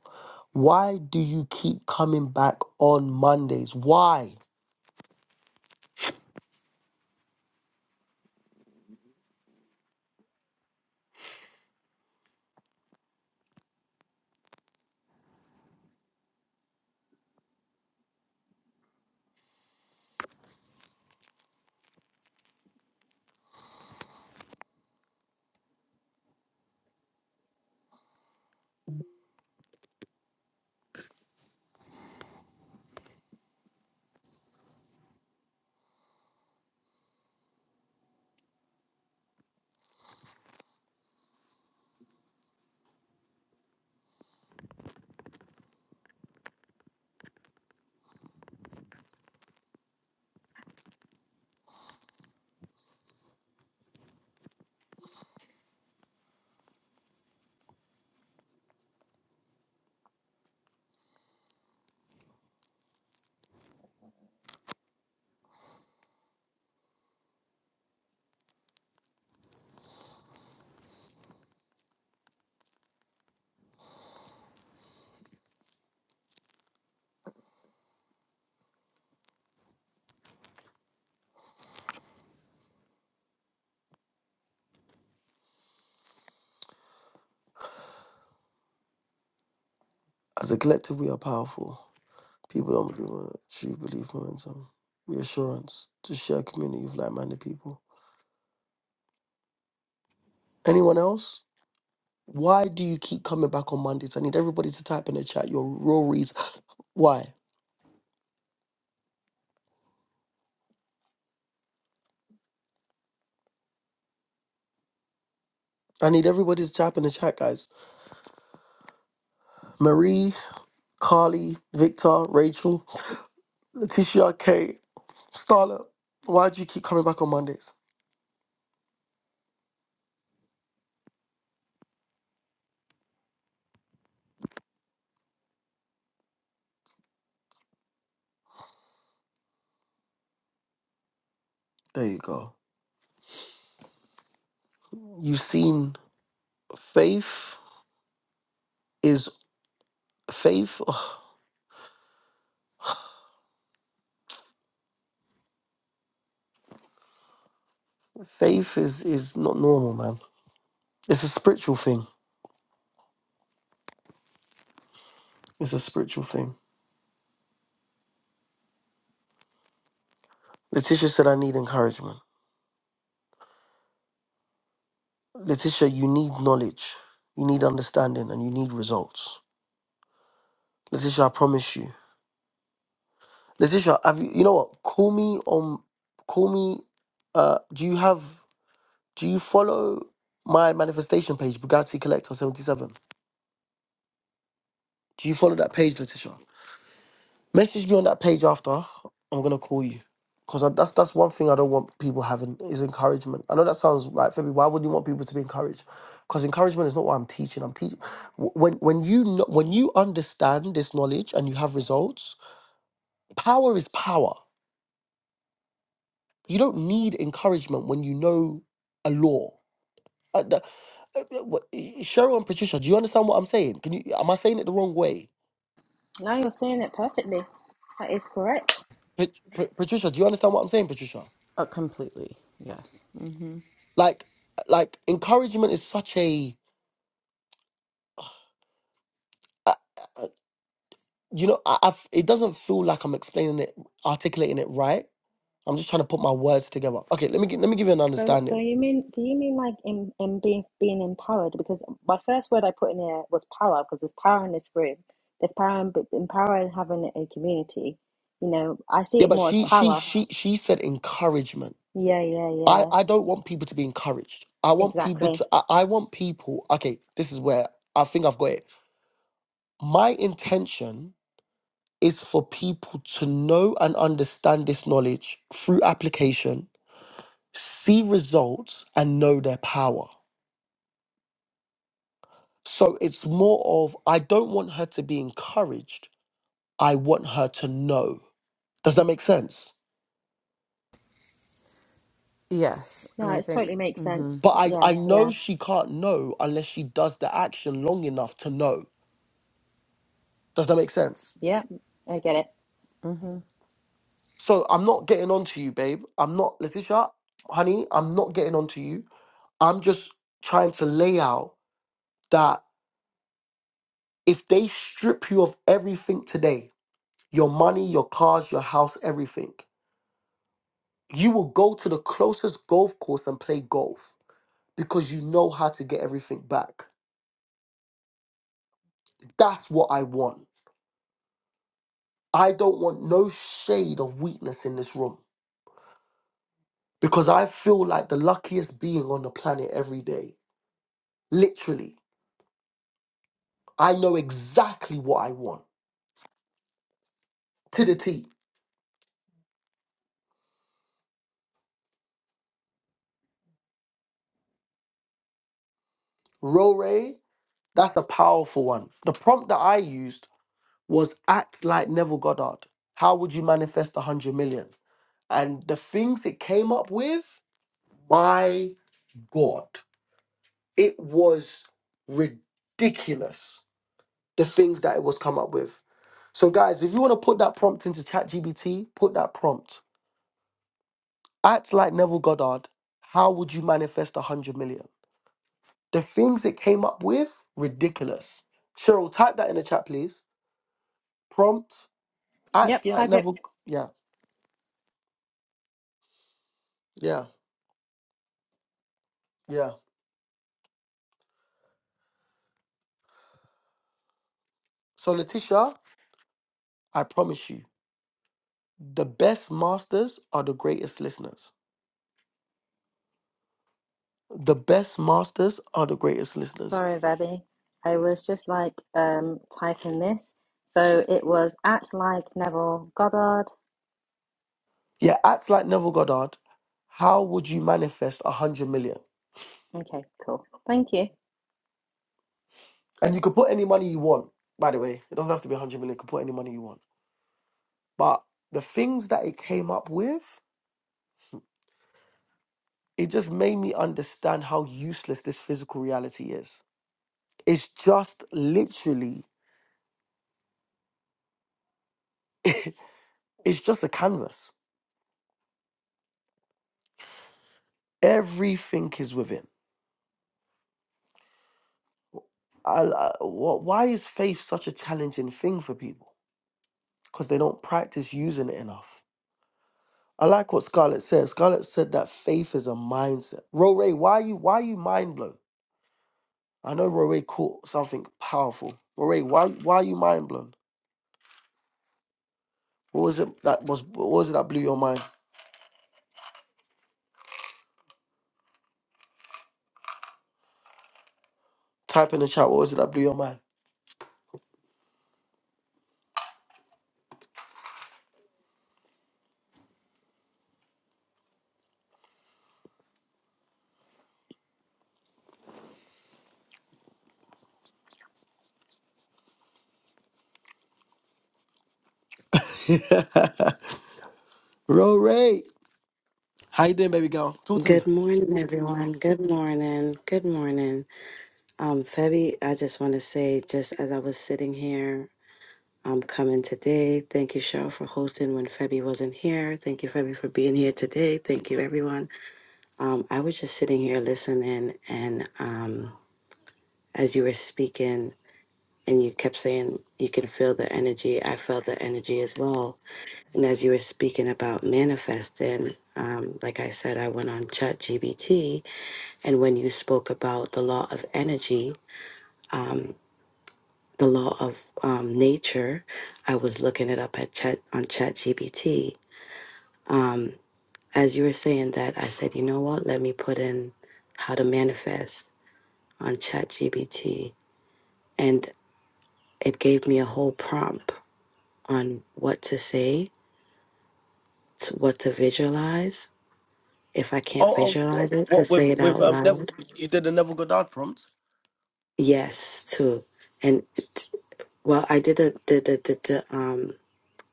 Speaker 1: Why do you keep coming back on Mondays? Why? As a collective, we are powerful. People don't believe in it. True belief, momentum, reassurance to share a community of like minded people. Anyone else? Why do you keep coming back on Mondays? I need everybody to type in the chat your real reason. Why? I need everybody to type in the chat, guys. Marie, Carly, Victor, Rachel, Letitia, Kay, Starla, why do you keep coming back on Mondays? There you go. You've seen faith is faith. Faith is is not normal, man. It's a spiritual thing. It's a spiritual thing. Letitia said, "I need encouragement." Letitia, you need knowledge, you need understanding, and you need results. Letitia, I promise you. Letitia, have you? You know what? Call me on. Call me. Uh, do you have? Do you follow my manifestation page, Bugatti Collector 77? Do you follow that page, Letitia? Message me on that page after. I'm gonna call you. Cause that's that's one thing I don't want people having is encouragement. I know that sounds like Febby. Why would you want people to be encouraged? Because encouragement is not what I'm teaching. I'm teaching when when you kn- when you understand this knowledge and you have results. Power is power. You don't need encouragement when you know a law. Uh, uh, what- Cheryl and Patricia, do you understand what I'm saying? Can you? Am I saying it the wrong way?
Speaker 2: Now you're saying it perfectly. That is correct.
Speaker 1: Pat- Pat- Patricia, do you understand what I'm saying, Patricia?
Speaker 3: Uh, completely. Yes. Mm-hmm.
Speaker 1: Like, like encouragement is such a, uh, uh, you know, I, I've, it doesn't feel like I'm explaining it, articulating it right. I'm just trying to put my words together. Okay, let me gi- let me give you an
Speaker 2: So, so
Speaker 1: understanding.
Speaker 2: you mean, do you mean like in, in being being empowered? Because my first word I put in there was power, because there's power in this room. There's power in, in power in having a community. You know, I see
Speaker 1: Yeah,
Speaker 2: it
Speaker 1: but
Speaker 2: more as
Speaker 1: she she
Speaker 2: power.
Speaker 1: she she said encouragement.
Speaker 2: Yeah, yeah,
Speaker 1: I
Speaker 2: yeah.
Speaker 1: I don't want people to be encouraged. I want people
Speaker 2: Exactly.
Speaker 1: to I, I want people. Okay, this is where I think I've got it. My intention is for people to know and understand this knowledge through application, see results and know their power. So it's more of, I don't want her to be encouraged. I want her to know. Does that make sense?
Speaker 3: Yes.
Speaker 2: No,
Speaker 3: And I
Speaker 2: it
Speaker 3: think,
Speaker 2: totally makes
Speaker 3: mm-hmm.
Speaker 1: But
Speaker 2: sense.
Speaker 1: I,
Speaker 2: Yeah,
Speaker 1: I know
Speaker 2: yeah,
Speaker 1: she can't know unless she does the action long enough to know. Does that make sense?
Speaker 2: yeah. I get it.
Speaker 3: Mm-hmm.
Speaker 1: So I'm not getting on to you, babe. I'm not, Letitia, honey, I'm not getting on to you. I'm just trying to lay out that if they strip you of everything today, your money, your cars, your house, everything, you will go to the closest golf course and play golf because you know how to get everything back. That's what I want. I don't want no shade of weakness in this room because I feel like the luckiest being on the planet every day. Literally, I know exactly what I want to the T. Rore, that's a powerful one. The prompt that I used was act like Neville Goddard. How would you manifest 100 million? And the things it came up with, my God. It was ridiculous the things that it was come up with. So, guys, if you want to put that prompt into ChatGPT, put that prompt. Act like Neville Goddard. How would you manifest 100 million? The things it came up with, ridiculous. Cheryl, type that in the chat, please. Prompt,
Speaker 2: Yep,
Speaker 1: act like
Speaker 2: type it.
Speaker 1: Neville. Yeah, yeah, yeah. So, Letitia, I promise you, the best masters are the greatest listeners. The best masters are the greatest listeners.
Speaker 2: Sorry, Vebby. I was just like um typing this. So it was at like Neville Goddard.
Speaker 1: Yeah, act like Neville Goddard. How would you manifest a hundred million?
Speaker 2: Okay, cool. Thank you.
Speaker 1: And you could put any money you want. By the way, it doesn't have to be a hundred million. You could put any money you want. But the things that it came up with, it just made me understand how useless this physical reality is. It's just literally, it's just a canvas. Everything is within. I, I, wh- why is faith such a challenging thing for people? Because they don't practice using it enough. I like what Scarlett said. Scarlett said that faith is a mindset. Roray, why are you why are you mind blown? I know Roray caught something powerful. Roray, why why are you mind blown? What was it that was what was it that blew your mind? Type in the chat, what was it that blew your mind? Roray. How you doing, baby girl? Talk to
Speaker 4: Good
Speaker 1: me.
Speaker 4: morning, everyone. Good morning. Good morning. Um, Febby, I just want to say, just as I was sitting here, I'm coming today. Thank you, Cheryl, for hosting when Febby wasn't here. Thank you, Febby, for being here today. Thank you, everyone. Um, I was just sitting here listening, and um, as you were speaking, and you kept saying you can feel the energy, I felt the energy as well. And as you were speaking about manifesting, um, like I said, I went on Chat GBT And when you spoke about the law of energy, um, the law of um, nature, I was looking it up at chat on ChatGPT. Um, as you were saying that, I said, you know what? Let me put in how to manifest on ChatGPT, and it gave me a whole prompt on what to say, to what to visualize. If I can't
Speaker 1: Oh, oh
Speaker 4: visualize it, to
Speaker 1: what with
Speaker 4: say it
Speaker 1: with
Speaker 4: out
Speaker 1: um Neville
Speaker 4: loud.
Speaker 1: you did the Neville Goddard prompt?
Speaker 4: Yes, too. And it, well, I did the the the, the, the um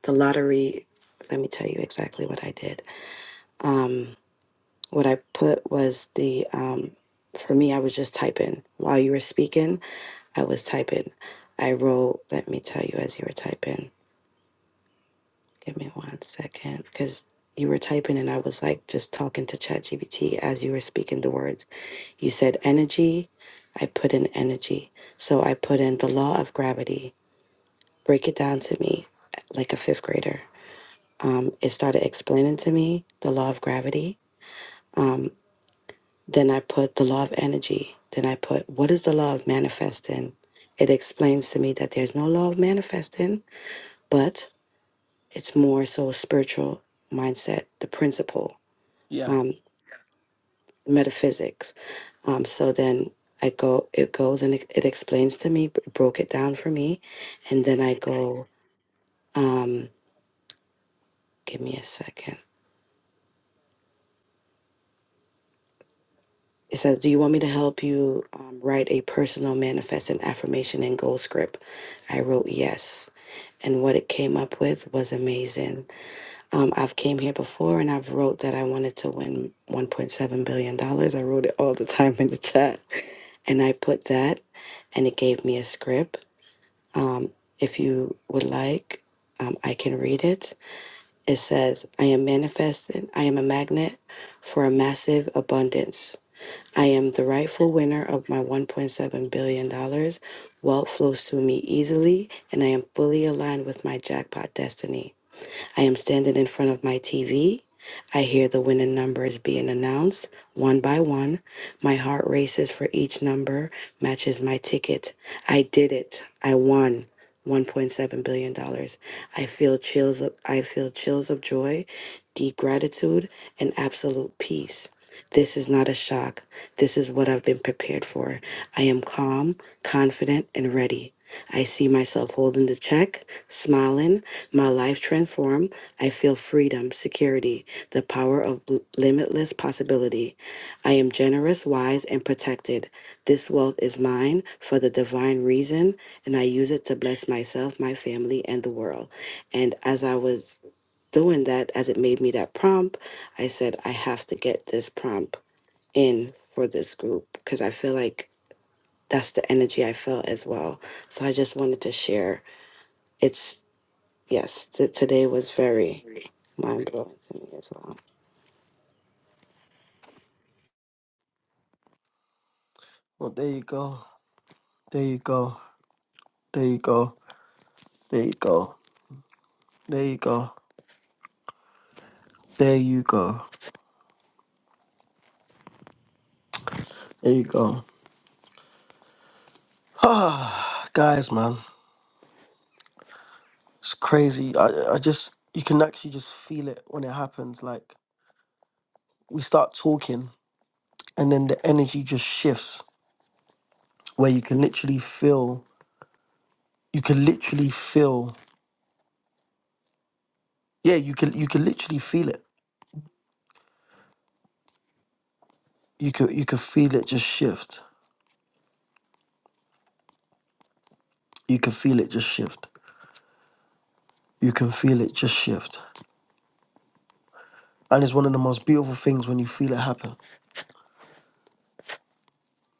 Speaker 4: the lottery let me tell you exactly what i did um what i put was the um for me i was just typing while you were speaking i was typing i wrote let me tell you as you were typing give me one second because you were typing and i was like just talking to ChatGPT as you were speaking the words you said energy i put in energy so i put in the law of gravity break it down to me like a fifth grader um, it started explaining to me the law of gravity. Um, then I put the law of energy. Then I put what is the law of manifesting? It explains to me that there's no law of manifesting, but it's more so a spiritual mindset, the principle,
Speaker 1: Yeah.
Speaker 4: um, metaphysics. Um, so then I go, it goes and it, it explains to me, broke it down for me. And then I go, um, give me a second. It says, Do you want me to help you um, write a personal manifest and affirmation and goal script? I wrote yes. And what it came up with was amazing. Um, I've came here before and I've wrote that I wanted to win $1.7 billion. dollars. I wrote it all the time in the chat. And I put that and it gave me a script. Um, if you would like, um, I can read it. It says, I am manifesting, I am a magnet for a massive abundance. I am the rightful winner of my $1.7 billion. dollars. Wealth flows to me easily, and I am fully aligned with my jackpot destiny. I am standing in front of my TV. I hear the winning numbers being announced one by one. My heart races for each number matches my ticket. I did it. I won. $1.7 billion. dollars. I feel chills of I feel chills of joy, deep gratitude, and absolute peace. This is not a shock. This is what I've been prepared for. I am calm, confident, and ready. I see myself holding the check, smiling, my life transformed. I feel freedom, security, the power of l- limitless possibility. I am generous, wise, and protected. This wealth is mine for the divine reason, and I use it to bless myself, my family, and the world. And as I was doing that, as it made me that prompt, I said, I have to get this prompt in for this group because I feel like that's the energy I felt as well. So I just wanted to share. It's yes, t- today was very Mind blowing to me as well.
Speaker 1: Well there you go. There you go. There you go. There you go. There you go. There you go. There you go. guys, man, it's crazy. I, I just, you can actually just feel it when it happens. Like, we start talking, and then the energy just shifts where you can literally feel, you can literally feel, yeah, you can, you can literally feel it. You can, you can feel it just shift. You can feel it just shift. You can feel it just shift. And it's one of the most beautiful things when you feel it happen.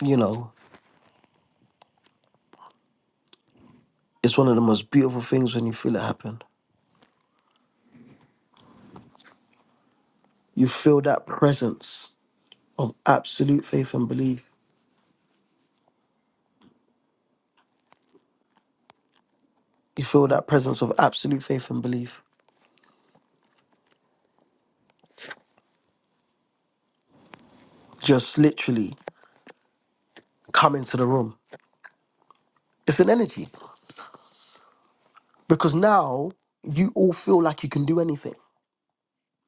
Speaker 1: You know, it's one of the most beautiful things when you feel it happen. You feel that presence of absolute faith and belief you feel that presence of absolute faith and belief just literally come into the room. It's an energy because now you all feel like you can do anything.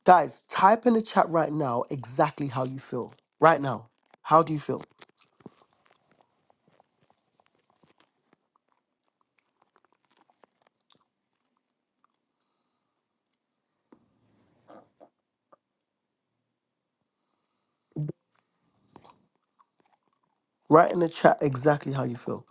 Speaker 1: Guys, type in the chat right now exactly how you feel. Right now, how do you feel? Write in the chat exactly how you feel.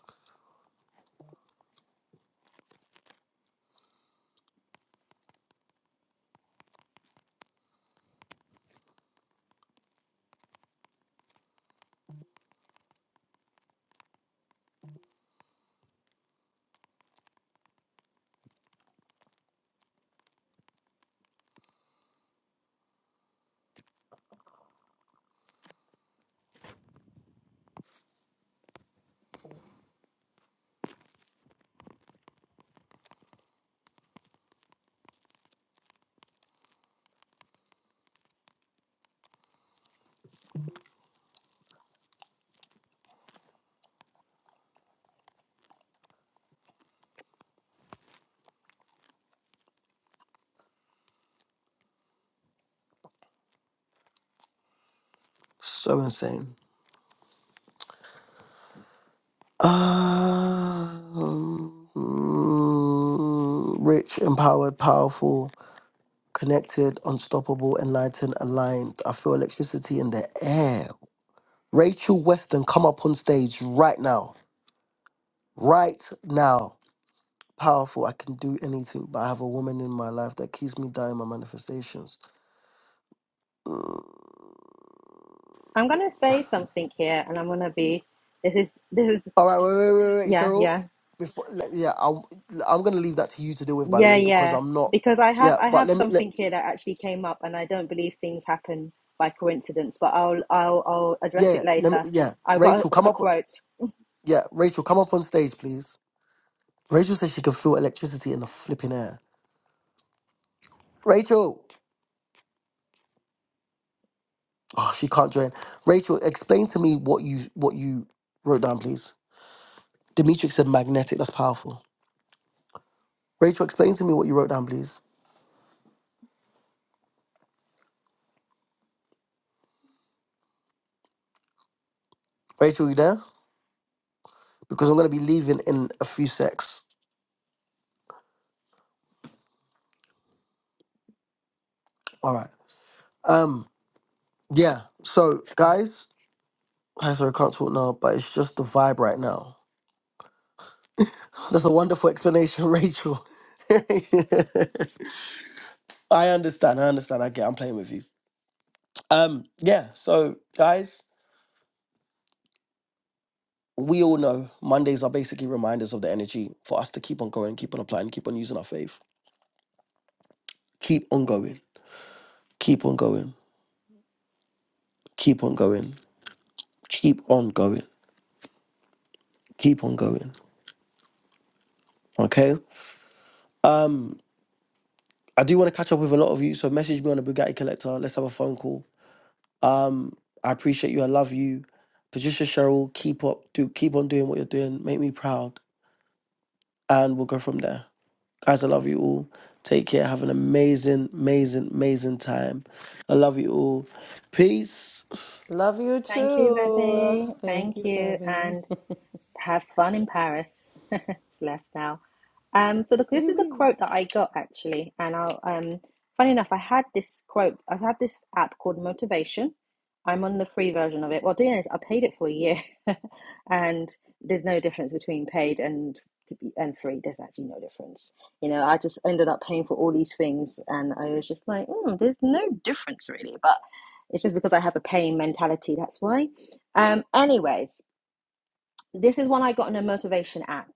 Speaker 1: So insane. Um, mm, rich, empowered, powerful, connected, unstoppable, enlightened, aligned. I feel electricity in the air. Rachel Weston, come up on stage right now. Right now. Powerful. I can do anything, but I have a woman in my life that keeps me down in my manifestations. Mm.
Speaker 2: I'm gonna say something here, and I'm gonna be. This is this is
Speaker 1: All right, wait, wait, wait, wait,
Speaker 2: yeah
Speaker 1: Cheryl.
Speaker 2: yeah
Speaker 1: Before, le- yeah, I'm, I'm gonna leave that to you to deal with, by the
Speaker 2: yeah
Speaker 1: way, because
Speaker 2: yeah
Speaker 1: I'm not.
Speaker 2: because I
Speaker 1: Yeah,
Speaker 2: have I
Speaker 1: but
Speaker 2: have
Speaker 1: let me, let,
Speaker 2: something here that actually came up, and I don't believe things happen by coincidence. But I'll I'll I'll address
Speaker 1: yeah,
Speaker 2: it
Speaker 1: let me,
Speaker 2: later.
Speaker 1: yeah.
Speaker 2: I've got a,
Speaker 1: Rachel, come
Speaker 2: a
Speaker 1: up.
Speaker 2: quote.
Speaker 1: Yeah, Rachel, come up on stage, please. Rachel says she can feel electricity in the flipping air. Rachel, oh, she can't join. Rachel, explain to me what you what you wrote down, please. Dimitri said magnetic. That's powerful. Rachel, explain to me what you wrote down, please. Rachel, you there? Because I'm going to be leaving in a few secs. All right. Um. Yeah. So, guys, I sorry, I can't talk now, but it's just the vibe right now. That's a wonderful explanation, Rachel. I understand. I understand. I get. I'm playing with you. Um. Yeah. So, guys, we all know Mondays are basically reminders of the energy for us to keep on going, keep on applying, keep on using our faith, keep on going, keep on going, keep on going keep on going. Keep on going. Okay. Um, I do want to catch up with a lot of you, so message me on the Bugatti Collector. Let's have a phone call. Um, I appreciate you. I love you, Patricia Cheryl. Keep up. Do keep on doing what you're doing. Make me proud, and we'll go from there, guys. I love you all. Take care. Have an amazing, amazing, amazing time. I love you all. Peace.
Speaker 3: love you
Speaker 2: Thank you,
Speaker 3: too.
Speaker 2: Vivi.
Speaker 3: Thank
Speaker 2: Thank
Speaker 3: you,
Speaker 2: you,
Speaker 3: Fabi.
Speaker 2: and Have fun in Paris. it's left now. Um, so the, this
Speaker 3: Wee
Speaker 2: is the
Speaker 3: wee.
Speaker 2: quote that I got actually, and I'll um, funny enough, I had this quote. I've had this app called Motivation. I'm on the free version of it. Well, the doing is I paid it for a year, and there's no difference between paid and to be and free. There's actually no difference. You know, I just ended up paying for all these things, and I was just like, mm, there's no difference really. But it's just because I have a paying mentality. That's why. Um, anyways, this is one I got in a motivation app,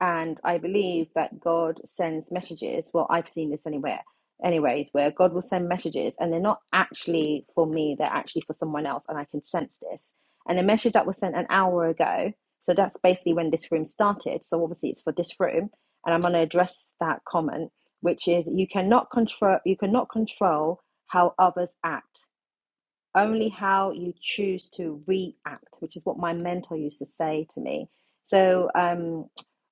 Speaker 2: and I believe that God sends messages. Well, I've seen this anywhere, anyways, where God will send messages, and they're not actually for me; they're actually for someone else, and I can sense this. And the message that was sent an hour ago, so that's basically when this room started. So obviously, it's for this room, and I'm going to address that comment, which is you cannot control you cannot control how others act only how you choose to react, which is what my mentor used to say to me. So, um,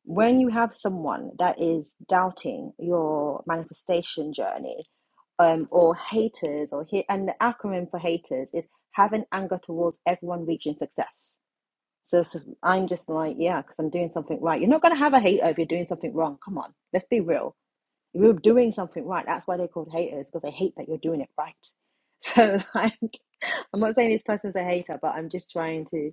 Speaker 2: when you have someone that is doubting your manifestation journey, um, or haters, or hate, and the acronym for haters is having anger towards everyone reaching success. So, so I'm just like, yeah, because I'm doing something right. You're not going to have a hater if you're doing something wrong. Come on, let's be real you're doing something right. That's why they're called haters because they hate that you're doing it right. So, like, I'm not saying this person's a hater, but I'm just trying to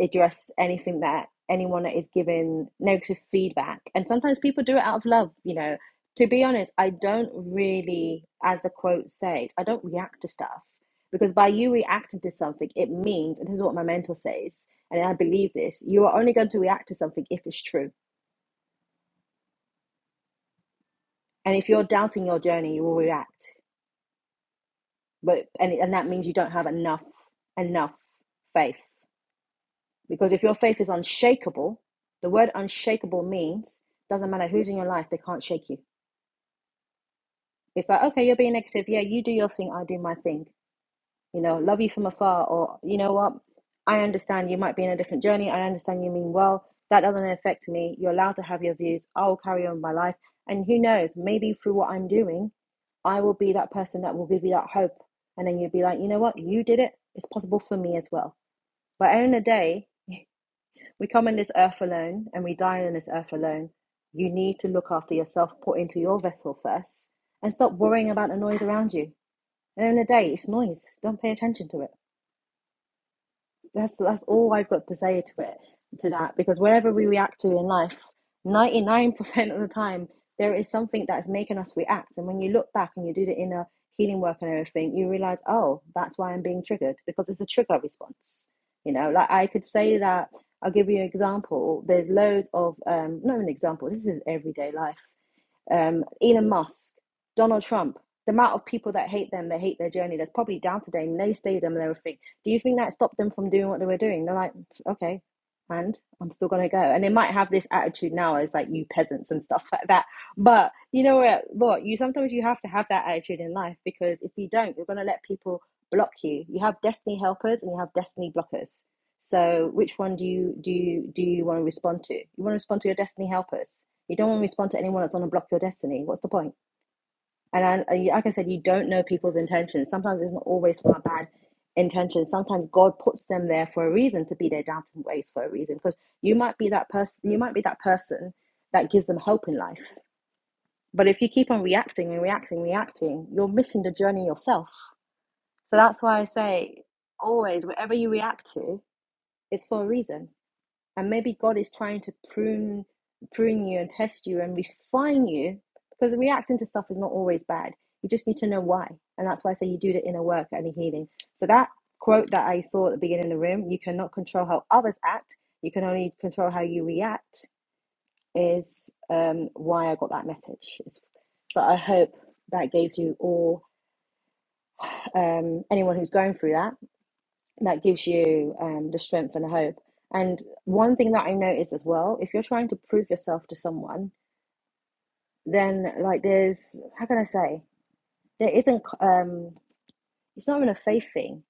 Speaker 2: address anything that anyone that is giving negative feedback. And sometimes people do it out of love, you know. To be honest, I don't really, as the quote says, I don't react to stuff because by you reacting to something, it means, and this is what my mentor says, and I believe this, you are only going to react to something if it's true. And if you're doubting your journey, you will react. but and and that means you don't have enough enough faith because if your faith is unshakable the word unshakable means doesn't matter who's in your life they can't shake you it's like okay you're being negative yeah you do your thing i do my thing you know, love you from afar, or you know what, I understand you might be in a different journey. I understand you mean well. That doesn't affect me. You're allowed to have your views. I will carry on with my life. And who knows, maybe through what I'm doing, I will be that person that will give you that hope. And then you'll be like, you know what, you did it. It's possible for me as well. But at the end of the day, we come on this earth alone and we die on this earth alone. You need to look after yourself, put into your vessel first, and stop worrying about the noise around you. At the end of the day, it's noise. Don't pay attention to it. That's that's all I've got to say to it to that because whatever we react to in life, ninety nine percent of the time there is something that's making us react. And when you look back and you do the inner healing work and everything, you realize, oh, that's why I'm being triggered because it's a trigger response. You know, like I could say that. I'll give you an example. There's loads of um, not an example. This is everyday life um, Elon Musk, Donald Trump, the amount of people that hate them, they hate their journey. That's probably down to them. they stay them and everything. Do you think that stopped them from doing what they were doing? They're like, okay, and I'm still gonna go. And they might have this attitude now as like you peasants and stuff like that. But you know what? Look, you sometimes you have to have that attitude in life because if you don't, you're gonna let people block you. You have destiny helpers and you have destiny blockers. So which one do you do you do you want to respond to? You want to respond to your destiny helpers you don't want to respond to anyone that's going to block your destiny. What's the point? And I, like I said, you don't know people's intentions. Sometimes it's not always for a bad intention. Sometimes God puts them there for a reason to be their doubting ways for a reason. Because you might be that person. You might be that person that gives them hope in life. But if you keep on reacting and reacting, reacting, you're missing the journey yourself. So that's why I say always, whatever you react to, it's for a reason and maybe God is trying to prune prune you and test you and refine you because reacting to stuff is not always bad. You just need to know why, and that's why I say you do the inner work and the healing. So that quote that I saw at the beginning of the room, "You cannot control how others act; you can only control how you react," is um, why I got that message. so I hope that gives you all um, anyone who's going through that that gives you um, the strength and the hope. And one thing that I noticed as well, if you're trying to prove yourself to someone, then like there's how can I say there isn't um it's not even a faith thing.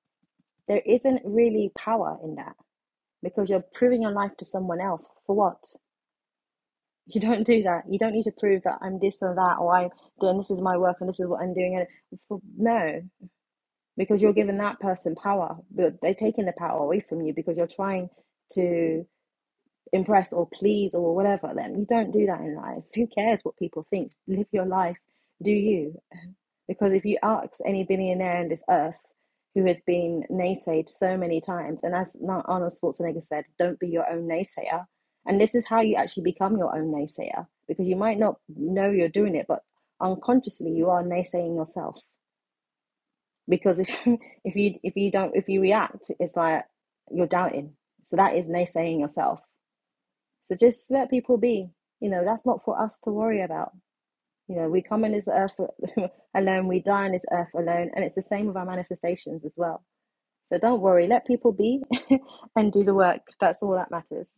Speaker 2: There isn't really power in that because you're proving your life to someone else for what? You don't do that. You don't need to prove that I'm this or that or I'm doing this is my work and this is what I'm doing. And for, no, because you're giving that person power, but they're taking the power away from you because you're trying to. impress or please or whatever them. You don't do that in life. Who cares what people think? Live your life, do you? Because if you ask any billionaire on this earth who has been naysayed so many times, and as Arnold Schwarzenegger said, don't be your own naysayer. And this is how you actually become your own naysayer because you might not know you're doing it, but unconsciously you are naysaying yourself. Because if if you if you don't if you react, it's like you're doubting. So that is naysaying yourself so just let people be. You know, that's not for us to worry about. You know, we come on this earth alone, we die on this earth alone, and it's the same with our manifestations as well. So don't worry, let people be and do the work. That's all that matters.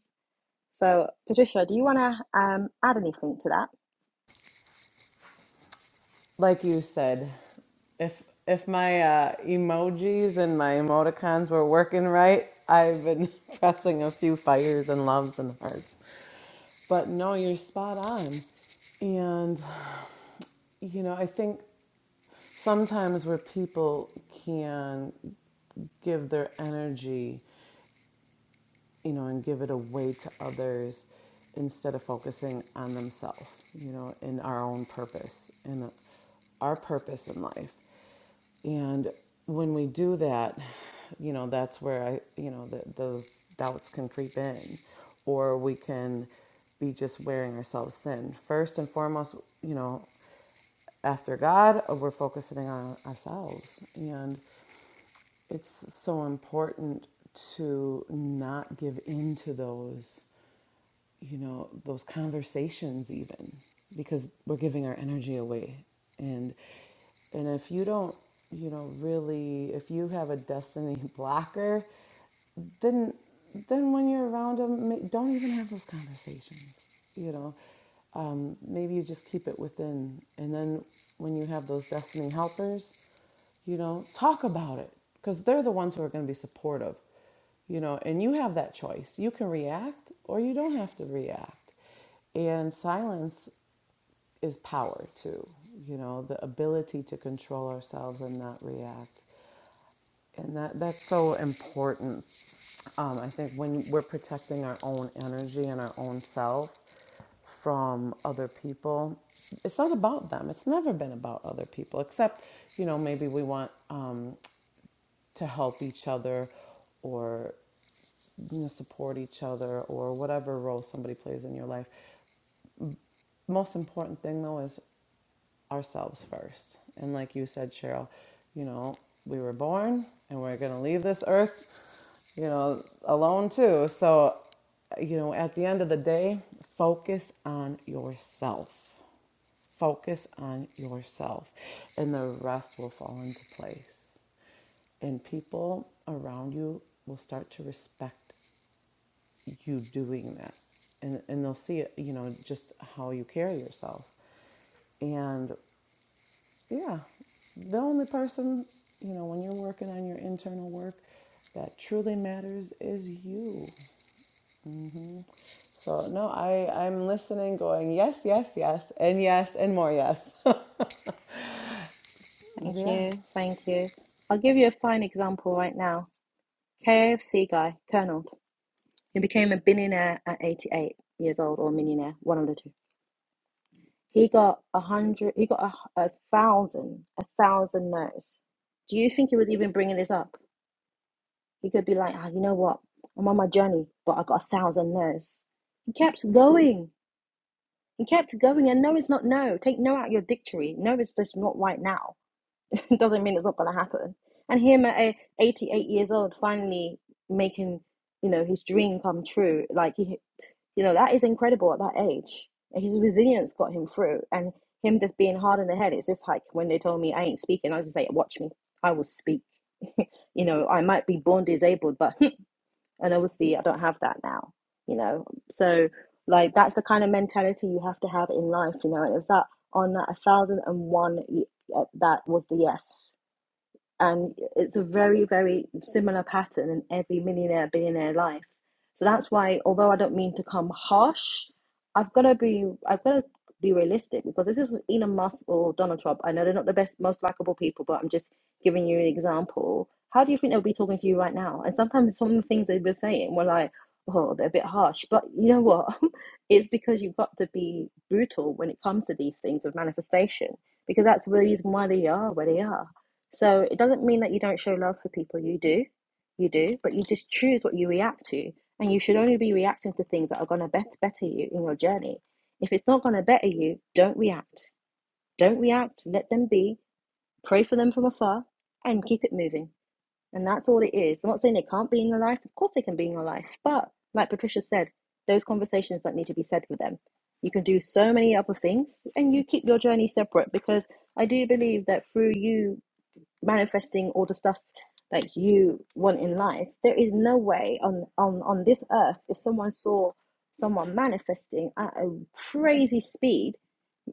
Speaker 2: So, Patricia, do you want to um, add anything to that?
Speaker 3: Like you said, if if my uh, emojis and my emoticons were working right, I've been pressing a few fires and loves and hearts. But no, you're spot on. And you know, I think. sometimes where people can give their energy you know, and give it away to others instead of focusing on themselves, you know, in our own purpose in our purpose in life. And when we do that, you know, that's where I, you know, the, those doubts can creep in, or we can be just wearing ourselves thin. First and foremost, you know, after God, we're focusing on ourselves. And it's so important to not give in to those you know those conversations even because we're giving our energy away and and if you don't you know really if you have a destiny blocker then then when you're around them don't even have those conversations you know um, maybe you just keep it within and then when you have those destiny helpers you know talk about it because they're the ones who are going to be supportive you know and you have that choice you can react or you don't have to react and silence is power too you know the ability to control ourselves and not react and that that's so important um, i think when we're protecting our own energy and our own self from other people it's not about them it's never been about other people except you know maybe we want um to help each other or you know support each other or whatever role somebody plays in your life The most important thing though is ourselves first. And like you said, Cheryl, you know, we were born and we're going to leave this earth, you know, alone too. So, you know, at the end of the day, focus on yourself. Focus on yourself, and the rest will fall into place. And people around you will start to respect you doing that. And, and they'll see, it, you know, just how you carry yourself. And yeah. The only person, you know, when you're working on your internal work that truly matters is you. So, no, I, I'm listening, going, yes, yes, yes, and yes, and more yes.
Speaker 2: Thank
Speaker 3: yeah.
Speaker 2: you. Thank you. I'll give you a fine example right now. KFC guy, Colonel, who became a billionaire at 88 years old or millionaire, one of the two He got a hundred. He got a, a thousand, a thousand no's. Do you think he was even bringing this up? He could be like, ah, you know what? I'm on my journey, but I got a thousand no's. He kept going. He kept going, and no, it's not no. Take no out of your dictionary. No, it's just not right now. it doesn't mean it's not going to happen. And him at 88 years old, finally making you know his dream come true. Like he you know, that is incredible at that age. His resilience got him through. And him just being hard in the head, it's just like when they told me I ain't speaking, I was just like, watch me. I will speak. you know, I might be born disabled, but, and obviously I don't have that now, you know. So, like, that's the kind of mentality you have to have in life, you know. And it was that on that 1001, uh, that was the yes and it's a very very similar pattern in every millionaire billionaire life so that's why although i don't mean to come harsh i've got to be i've got to be realistic because if this was elon musk or donald trump i know they're not the best most likable people but i'm just giving you an example how do you think they'll be talking to you right now and sometimes some of the things they were saying were like oh they're a bit harsh but you know what it's because you've got to be brutal when it comes to these things of manifestation because that's the reason why they are where they are so it doesn't mean that you don't show love for people. You do. You do. But you just choose what you react to. And you should only be reacting to things that are going to better you in your journey. If it's not going to better you, don't react. Don't react. Let them be. Pray for them from afar and keep it moving. And that's all it is. I'm not saying they can't be in your life. Of course they can be in your life. But like Patricia said, those conversations don't need to be said with them. You can do so many other things and you keep your journey separate because I do believe that through you manifesting all the stuff that you want in life there is no way on on on this earth if someone saw someone manifesting at a crazy speed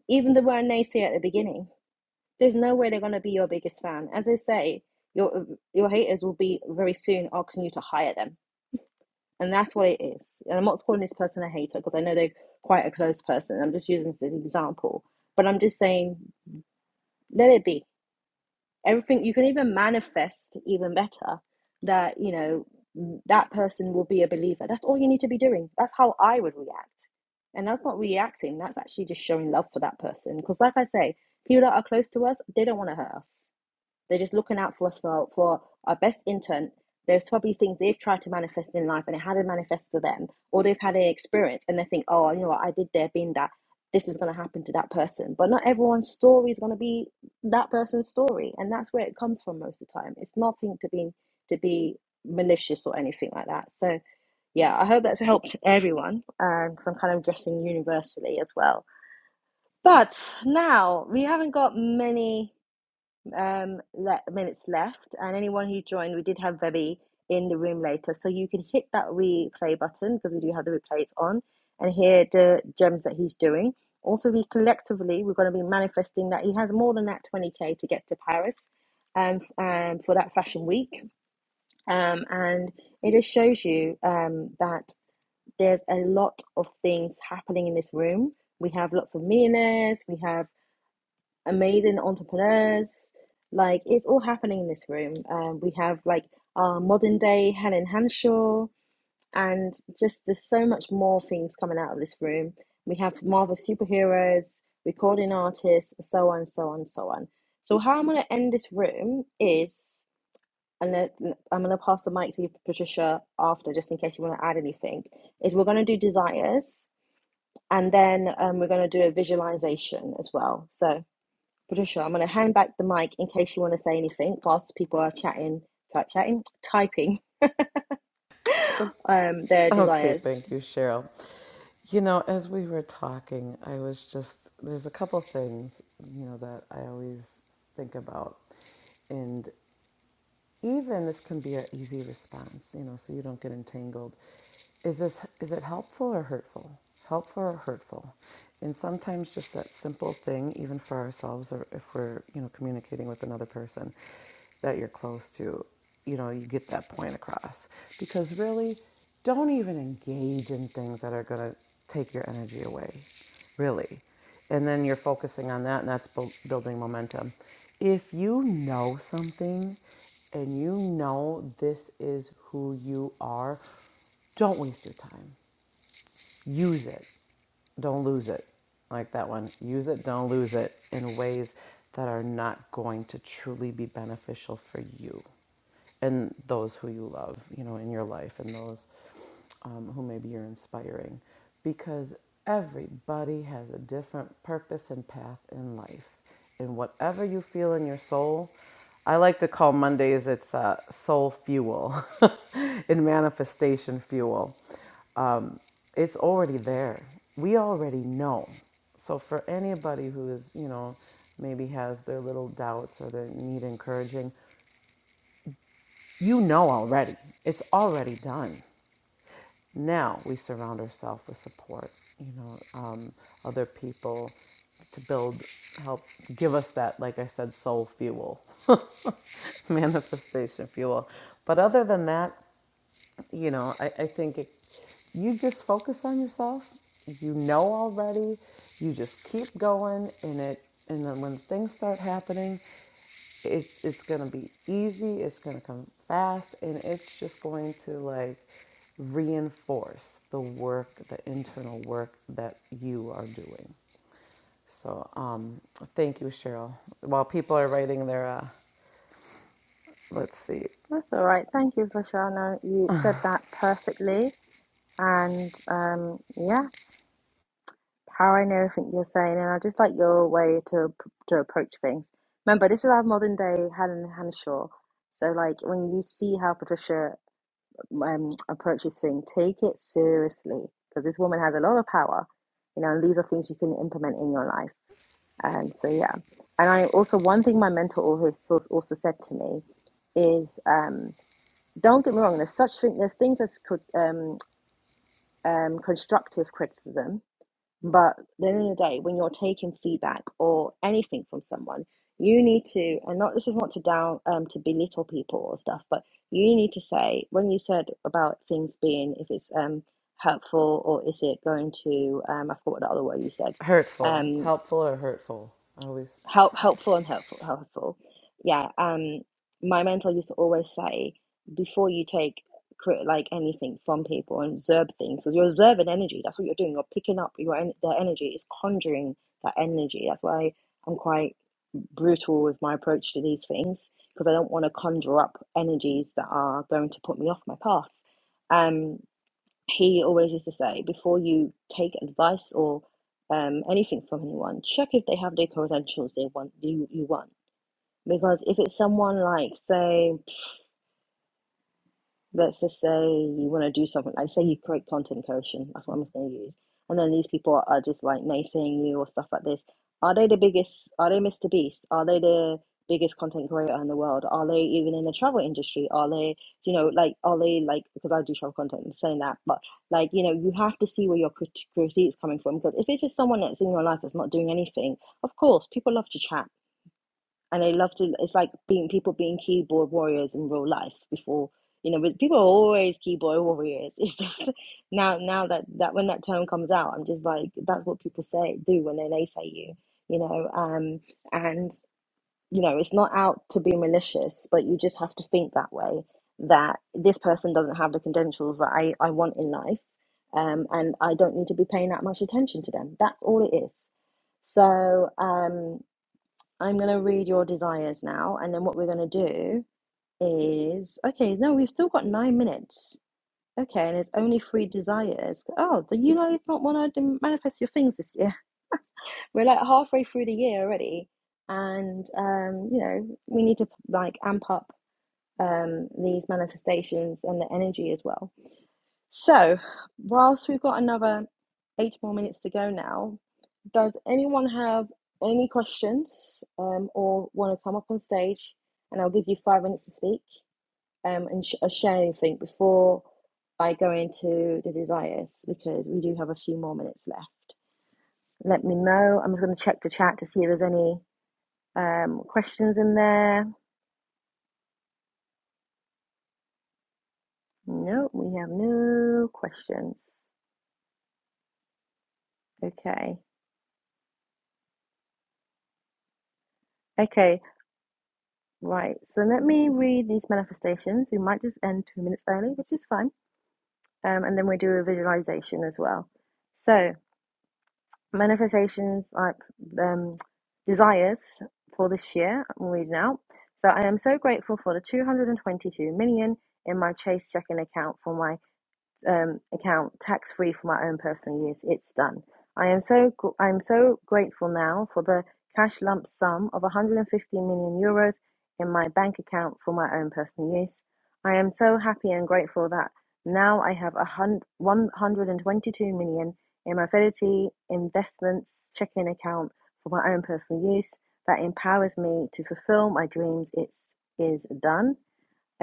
Speaker 2: even the word naysayer at the beginning there's no way they're going to be your biggest fan as i say your your haters will be very soon asking you to hire them and that's what it is and i'm not calling this person a hater because i know they're quite a close person i'm just using this as an example but i'm just saying let it be everything you can even manifest even better that you know that person will be a believer that's all you need to be doing that's how i would react and that's not reacting that's actually just showing love for that person because like i say people that are close to us they don't want to hurt us they're just looking out for us for, for our best intent. There's probably things they've tried to manifest in life and it hadn't manifest to them, or they've had an experience and they think, oh, you know what, I did there, been that. This is going to happen to that person. But not everyone's story is going to be that person's story. And that's where it comes from most of the time. It's nothing to be, to be malicious or anything like that. So, yeah, I hope that's helped everyone Um, because I'm kind of addressing universally as well. But now we haven't got many um, le- minutes left, and anyone who joined, we did have Vebi in the room later, so you can hit that replay button because we do have the replays on, and hear the gems that he's doing. Also, we collectively we're going to be manifesting that he has more than that twenty k to get to Paris, um, um, for that fashion week, um, and it just shows you um that there's a lot of things happening in this room. We have lots of millionaires. We have amazing entrepreneurs. Like it's all happening in this room. Um, we have like our modern day Helen Hanshaw, and just there's so much more things coming out of this room. We have Marvel superheroes, recording artists, so on, so on, so on. So how I'm gonna end this room is, and I'm gonna pass the mic to you, Patricia, after, just in case you want to add anything. Is we're gonna do desires, and then um, we're gonna do a visualization as well. So Patricia, I'm going to hand back the mic in case you want to say anything whilst people are chatting, type chatting, typing um, their
Speaker 3: Okay.
Speaker 2: desires.
Speaker 3: Thank you, Cheryl. You know, as we were talking, I was just, there's a couple things, you know, that I always think about. and. even this can be an easy response, you know, so you don't get entangled. Is this is it helpful or hurtful? Helpful or hurtful? And sometimes just that simple thing, even for ourselves, or if we're you know communicating with another person that you're close to, you know, you get that point across. Because really, don't even engage in things that are going to take your energy away. Really, and then you're focusing on that and that's bu- building momentum if you know something and you know this is who you are don't waste your time use it, don't lose it. Like that one, use it, don't lose it in ways that are not going to truly be beneficial for you and those who you love, you know, in your life and those um, who maybe you're inspiring. Because everybody has a different purpose and path in life and whatever you feel in your soul. I like to call Mondays it's uh, soul fuel and manifestation fuel. Um, it's already there. We already know. So for anybody who is, you know, maybe has their little doubts or they need encouraging, you know already. It's already done. Now we surround ourselves with support, you know, um, other people to build, help give us that, like I said, soul fuel, manifestation fuel. But other than that, you know, I, I think it, you just focus on yourself. You know already. You just keep going, and it, and then when things start happening, it, it's gonna be easy. It's gonna come fast, and it's just going to like reinforce the work, the internal work that you are doing. So, um, thank you, Cheryl. While people are writing their, uh, let's see,
Speaker 2: That's all right. Thank you, Patricia. You said that perfectly. And um, yeah, powering everything you're saying. And I just like your way to to approach things. Remember, this is our modern day Helen Hanshaw. So, like, when you see how Patricia um, approaches things, take it seriously because this woman has a lot of power, you know, and these are things you can implement in your life. And so yeah, and I also one thing my mentor always als- also said to me is, um, don't get me wrong. There's such thing. There's things as cri- um, um, constructive criticism, but at the end of the day, when you're taking feedback or anything from someone, you need to and not this is not to down um, to belittle people or stuff, but you need to say when you said about things being if it's um, helpful or is it going to um, I forgot what the other word you said.
Speaker 3: hurtful,
Speaker 2: um
Speaker 3: helpful or hurtful. I always
Speaker 2: help helpful and hurtful helpful yeah um my mentor used to always say before you take cri- like anything from people and observe things because you're observing energy that's what you're doing you're picking up your en- their energy It's conjuring that energy that's why i'm quite brutal with my approach to these things because i don't want to conjure up energies that are going to put me off my path Um, he always used to say before you take advice or um, anything from anyone, check if they have the credentials they want you, you want. Because if it's someone like say let's just say you want to do something like say you create content creation that's what i'm going to use and then these people are just like naysaying you or stuff like this are they the biggest are they mr beast are they the biggest content creator in the world are they even in the travel industry are they you know like are they like because i do travel content i'm saying that but like you know you have to see where your crit- critique is coming from because if it's just someone that's in your life that's not doing anything of course people love to chat and I love to. It's like being people being keyboard warriors in real life before, you know. But people are always keyboard warriors. It's just now, now that that when that term comes out, I'm just like that's what people say do when they naysay you, you know. Um, and you know, it's not out to be malicious, but you just have to think that way. That this person doesn't have the credentials that I I want in life, um, and I don't need to be paying that much attention to them. That's all it is. So, um, I'm going to read your desires now. And then what we're going to do is okay, no, we've still got nine minutes. Okay, and it's only three desires. Oh, do you know it's not one I did manifest your things this year? We're like halfway through the year already. And, um, you know, we need to like amp up um, these manifestations and the energy as well. So, whilst we've got another eight more minutes to go now, does anyone have any questions um, or want to come up on stage? And I'll give you five minutes to speak um, and sh- uh, share anything before I go into the desires because we do have a few more minutes left. Let me know. I'm just going to check the chat to see if there's any um, questions in there. No, we have no questions. Okay. Okay. Right, so let me read these manifestations. We might just end two minutes early, which is fine. Um, and then we do a visualization as well. So, manifestations, like um, desires for this year, I'm reading out. So, I am so grateful for the 222 million in my Chase checking account for my um, account tax free for my own personal use. It's done. I am so I am so grateful now for the cash lump sum of 150 million euros in my bank account for my own personal use. I am so happy and grateful that now I have a hun- 122 million in my Fidelity Investments checking account for my own personal use that empowers me to fulfill my dreams. It's is done.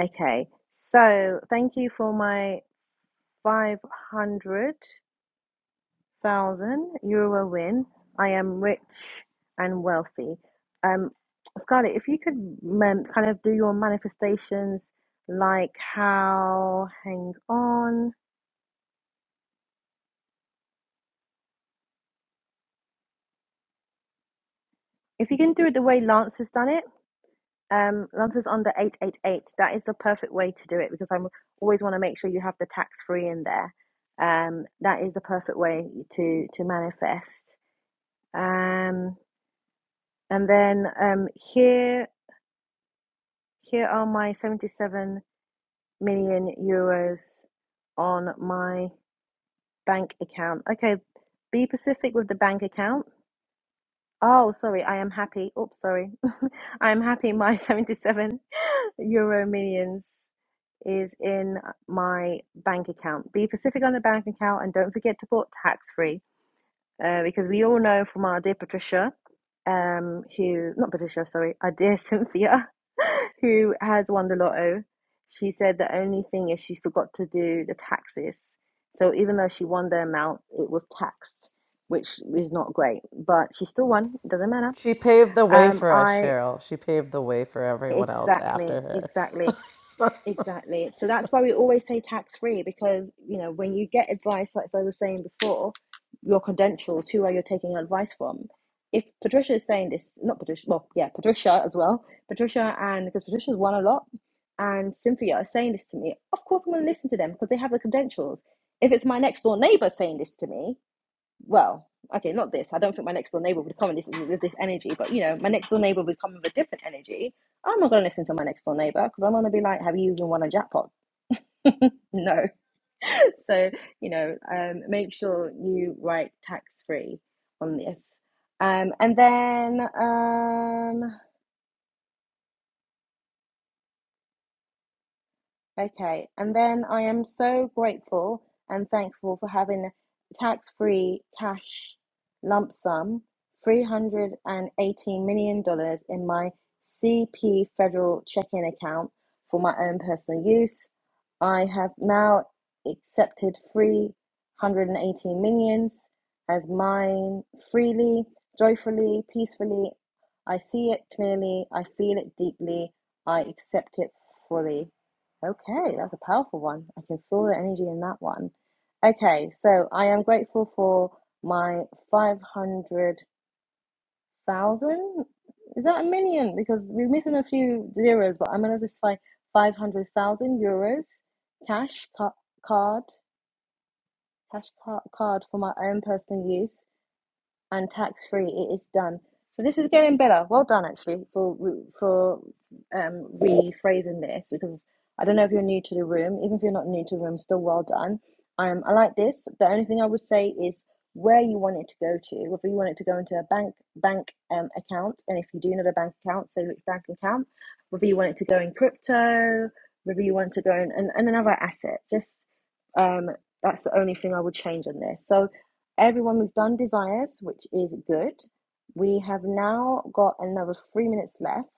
Speaker 2: Okay, so thank you for my five hundred thousand euro win. I am rich and wealthy. Um, Scarlett, if you could um, kind of do your manifestations like how, hang on, if you can do it the way Lance has done it, um, Lance is under 888. That is the perfect way to do it because I always want to make sure you have the tax free in there. Um, that is the perfect way to to manifest. Um, and then um, here Here are my 77 million euros on my bank account. Okay, be Pacific with the bank account. Oh, sorry, I am happy. Oops, sorry. I am happy my 77 euro millions is in my bank account. Be Pacific on the bank account and don't forget to put tax free uh, because we all know from our dear Patricia, um, who, not Patricia, sorry, our dear Cynthia who has won the lotto, she said the only thing is she forgot to do the taxes. So even though she won the amount, it was taxed, which is not great. But she still won. It doesn't matter.
Speaker 3: She paved the way
Speaker 2: Um,
Speaker 3: for us,
Speaker 2: I
Speaker 3: Cheryl. She paved the way for everyone else
Speaker 2: exactly,
Speaker 3: after her.
Speaker 2: exactly. Exactly. So that's why we always say tax free because, you know, when you get advice, like I was saying before, your credentials, who are you taking your advice from? If Patricia is saying this, not Patricia, well, yeah, Patricia as well, Patricia and because Patricia's won a lot and Cynthia are saying this to me, of course I'm going to listen to them because they have the credentials. If it's my next door neighbor saying this to me, well, okay, not this. I don't think my next door neighbor would come with this, with this energy, but you know, my next door neighbor would come with a different energy. I'm not going to listen to my next door neighbor because I'm going to be like, have you even won a jackpot? no. so, you know, um, make sure you write tax free on this. Um, and then um, Okay, and then I am so grateful and thankful for having a tax free cash lump sum, $318 million dollars in my CP federal checking account for my own personal use. I have now accepted 318 millions as mine freely, joyfully, peacefully. I see it clearly, I feel it deeply, I accept it fully. Okay, that's a powerful one. I can feel the energy in that one. Okay, so I am grateful for my 500,000. Is that a million? Because we're missing a few zeros, but I'm going to just find 500,000 euros cash ca- card, cash ca- card for my own personal use and tax free. It is done. So this is getting better. Well done, actually, for for um, rephrasing this because I don't know if you're new to the room. Even if you're not new to the room, still well done. Um, I like this. The only thing I would say is where you want it to go to. Whether you want it to go into a bank bank um, account, and if you do know a bank account, say which bank account. Whether you want it to go in crypto, whether you want it to go in and, and another asset. Just um, that's the only thing I would change on this. So Everyone, we've done desires, which is good. We have now got another three minutes left.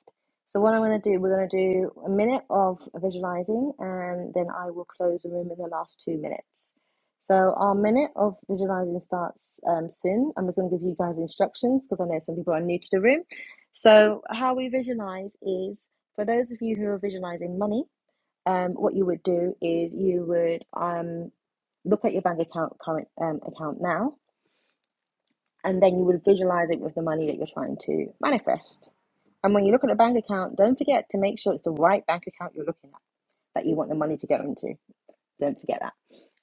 Speaker 2: So, what I'm going to do, we're going to do a minute of visualizing and then I will close the room in the last two minutes. So, our minute of visualizing starts um, soon. I'm just going to give you guys instructions because I know some people are new to the room. So, how we visualize is for those of you who are visualizing money, um, what you would do is you would um, look at your bank account, current um, account now and then you will visualize it with the money that you're trying to manifest. And when you look at a bank account, don't forget to make sure it's the right bank account you're looking at that you want the money to go into. Don't forget that.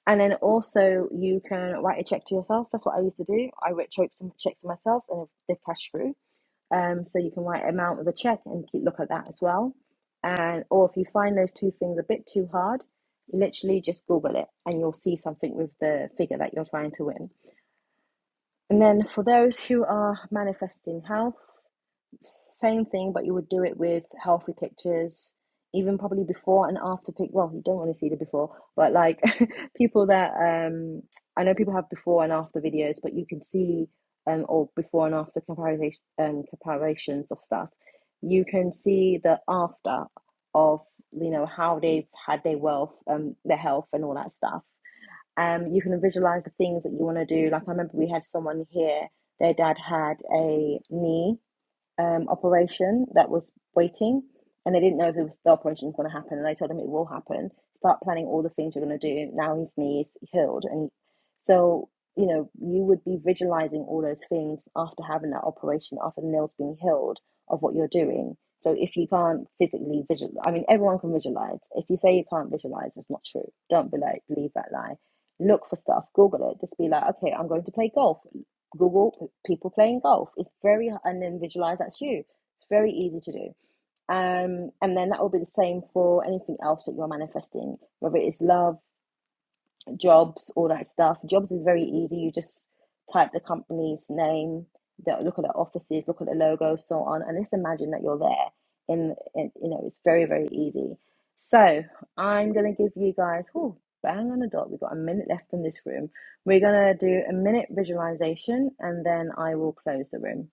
Speaker 2: And then also, you can write a check to yourself. That's what I used to do. I wrote checks checks to myself, and they cash through. Um, so you can write an amount of a check and keep look at that as well. And or if you find those two things a bit too hard, literally just Google it, and you'll see something with the figure that you're trying to win and then for those who are manifesting health, same thing, but you would do it with healthy pictures, even probably before and after pic. Well, you don't want to see the before, but like people that um, I know people have before and after videos, but you can see um, or before and after comparison um, comparisons of stuff. You can see the after of you know how they've had their wealth, um, their health, and all that stuff um, you can visualize the things that you want to do. Like I remember we had someone here, their dad had a knee um, operation that was waiting, and they didn't know if it was, the operation was going to happen. And I told him it will happen. Start planning all the things you're going to do. Now his knee is healed, and so you know you would be visualizing all those things after having that operation, after the nails being healed, of what you're doing. So if you can't physically visualize, I mean, everyone can visualize. If you say you can't visualize, it's not true. Don't be like believe that lie. Look for stuff, Google it. Just be like, okay, I'm going to play golf. Google people playing golf. It's very and then visualize that's you. It's very easy to do. Um, and then that will be the same for anything else that you're manifesting, whether it is love, jobs, all that stuff. Jobs is very easy. You just type the company's name, the, look at the offices, look at the logo, so on, and just imagine that you're there. And, and you know, it's very, very easy. So I'm gonna give you guys, oh, bang on the dot. We've got a minute left in this room. We're gonna do a minute visualization, and then I will close the room.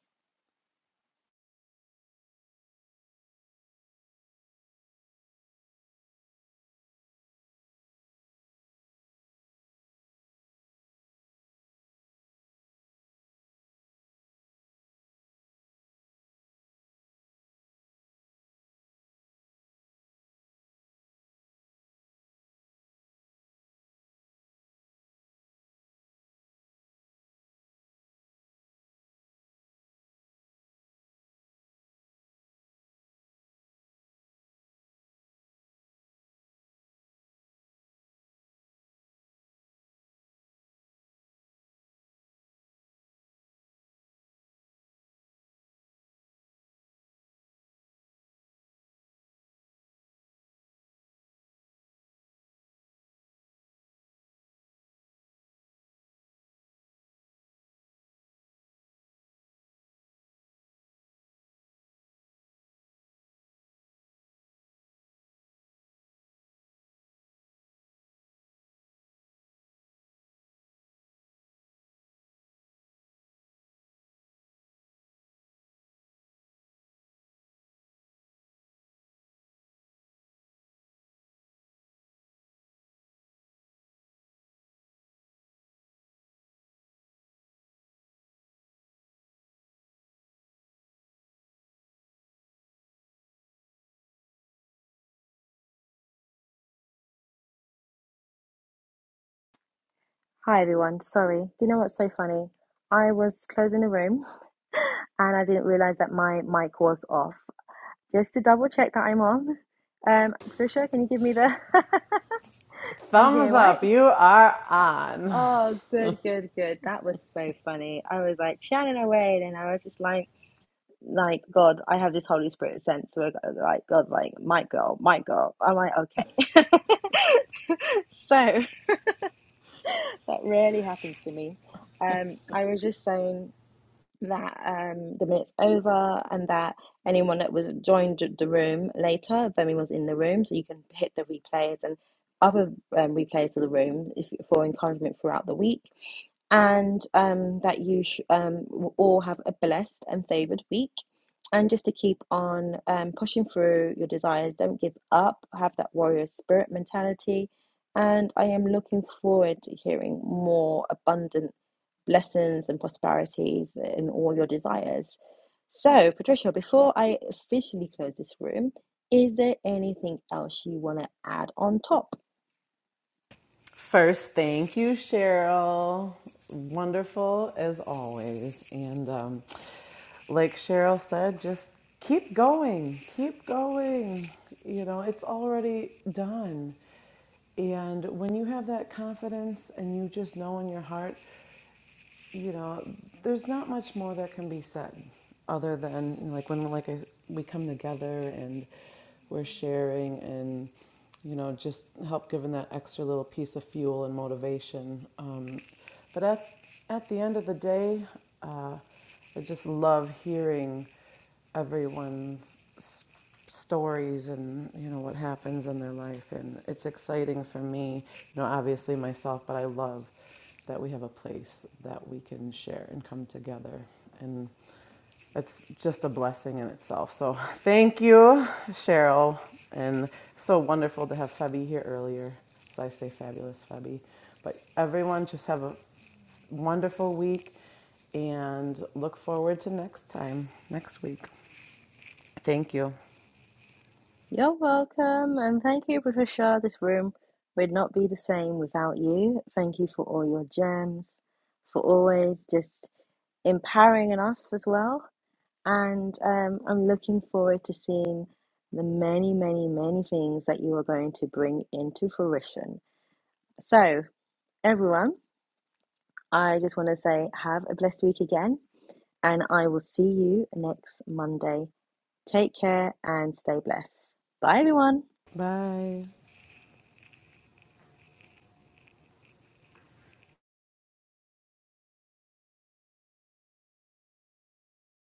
Speaker 2: Hi everyone. Sorry. Do you know what's so funny? I was closing the room and I didn't realize that my mic was off. Just to double check that I'm on. Um, Trisha, can you give me the? I'm
Speaker 3: Thumbs
Speaker 2: here, right?
Speaker 3: up. You are on.
Speaker 2: Oh, good, good, good. That was so funny. I was like chatting away, and I was just like, like God, I have this Holy Spirit sense. So like God, like my girl, my girl. I'm like, okay. So that rarely happens to me. Um, I was just saying. that um, the minute's over and that anyone that was joined the room later, if anyone was in the room, so you can hit the replays and other um, replays of the room if, for encouragement throughout the week. And um, that you sh- um, will all have a blessed and favored week. And just to keep on um, pushing through your desires, don't give up, have that warrior spirit mentality. And I am looking forward to hearing more abundant blessings and prosperities in all your desires. So, Patricia, before I officially close this room, is there anything else you want to add on top?
Speaker 3: First, thank you, Cheryl. Wonderful as always. And um, like Cheryl said, just keep going. Keep going. You know, it's already done. And when you have that confidence and you just know in your heart you know, there's not much more that can be said other than like when like I, we come together and we're sharing and you know just help giving that extra little piece of fuel and motivation. Um, but at at the end of the day, uh, I just love hearing everyone's stories and you know what happens in their life and it's exciting for me you know obviously myself but i love that we have a place that we can share and come together and it's just a blessing in itself so thank you cheryl and so wonderful to have febby here earlier so i say fabulous febby but everyone just have a wonderful week and look forward to next time, next week. Thank you.
Speaker 2: You're welcome, and thank you, Patricia. This room would not be the same without you. Thank you for all your gems, for always just empowering in us as well. And um, I'm looking forward to seeing the many, many, many things that you are going to bring into fruition. So, Everyone, I just want to say have a blessed week again, and I will see you next Monday. Take care and stay blessed. Bye, everyone.
Speaker 3: Bye.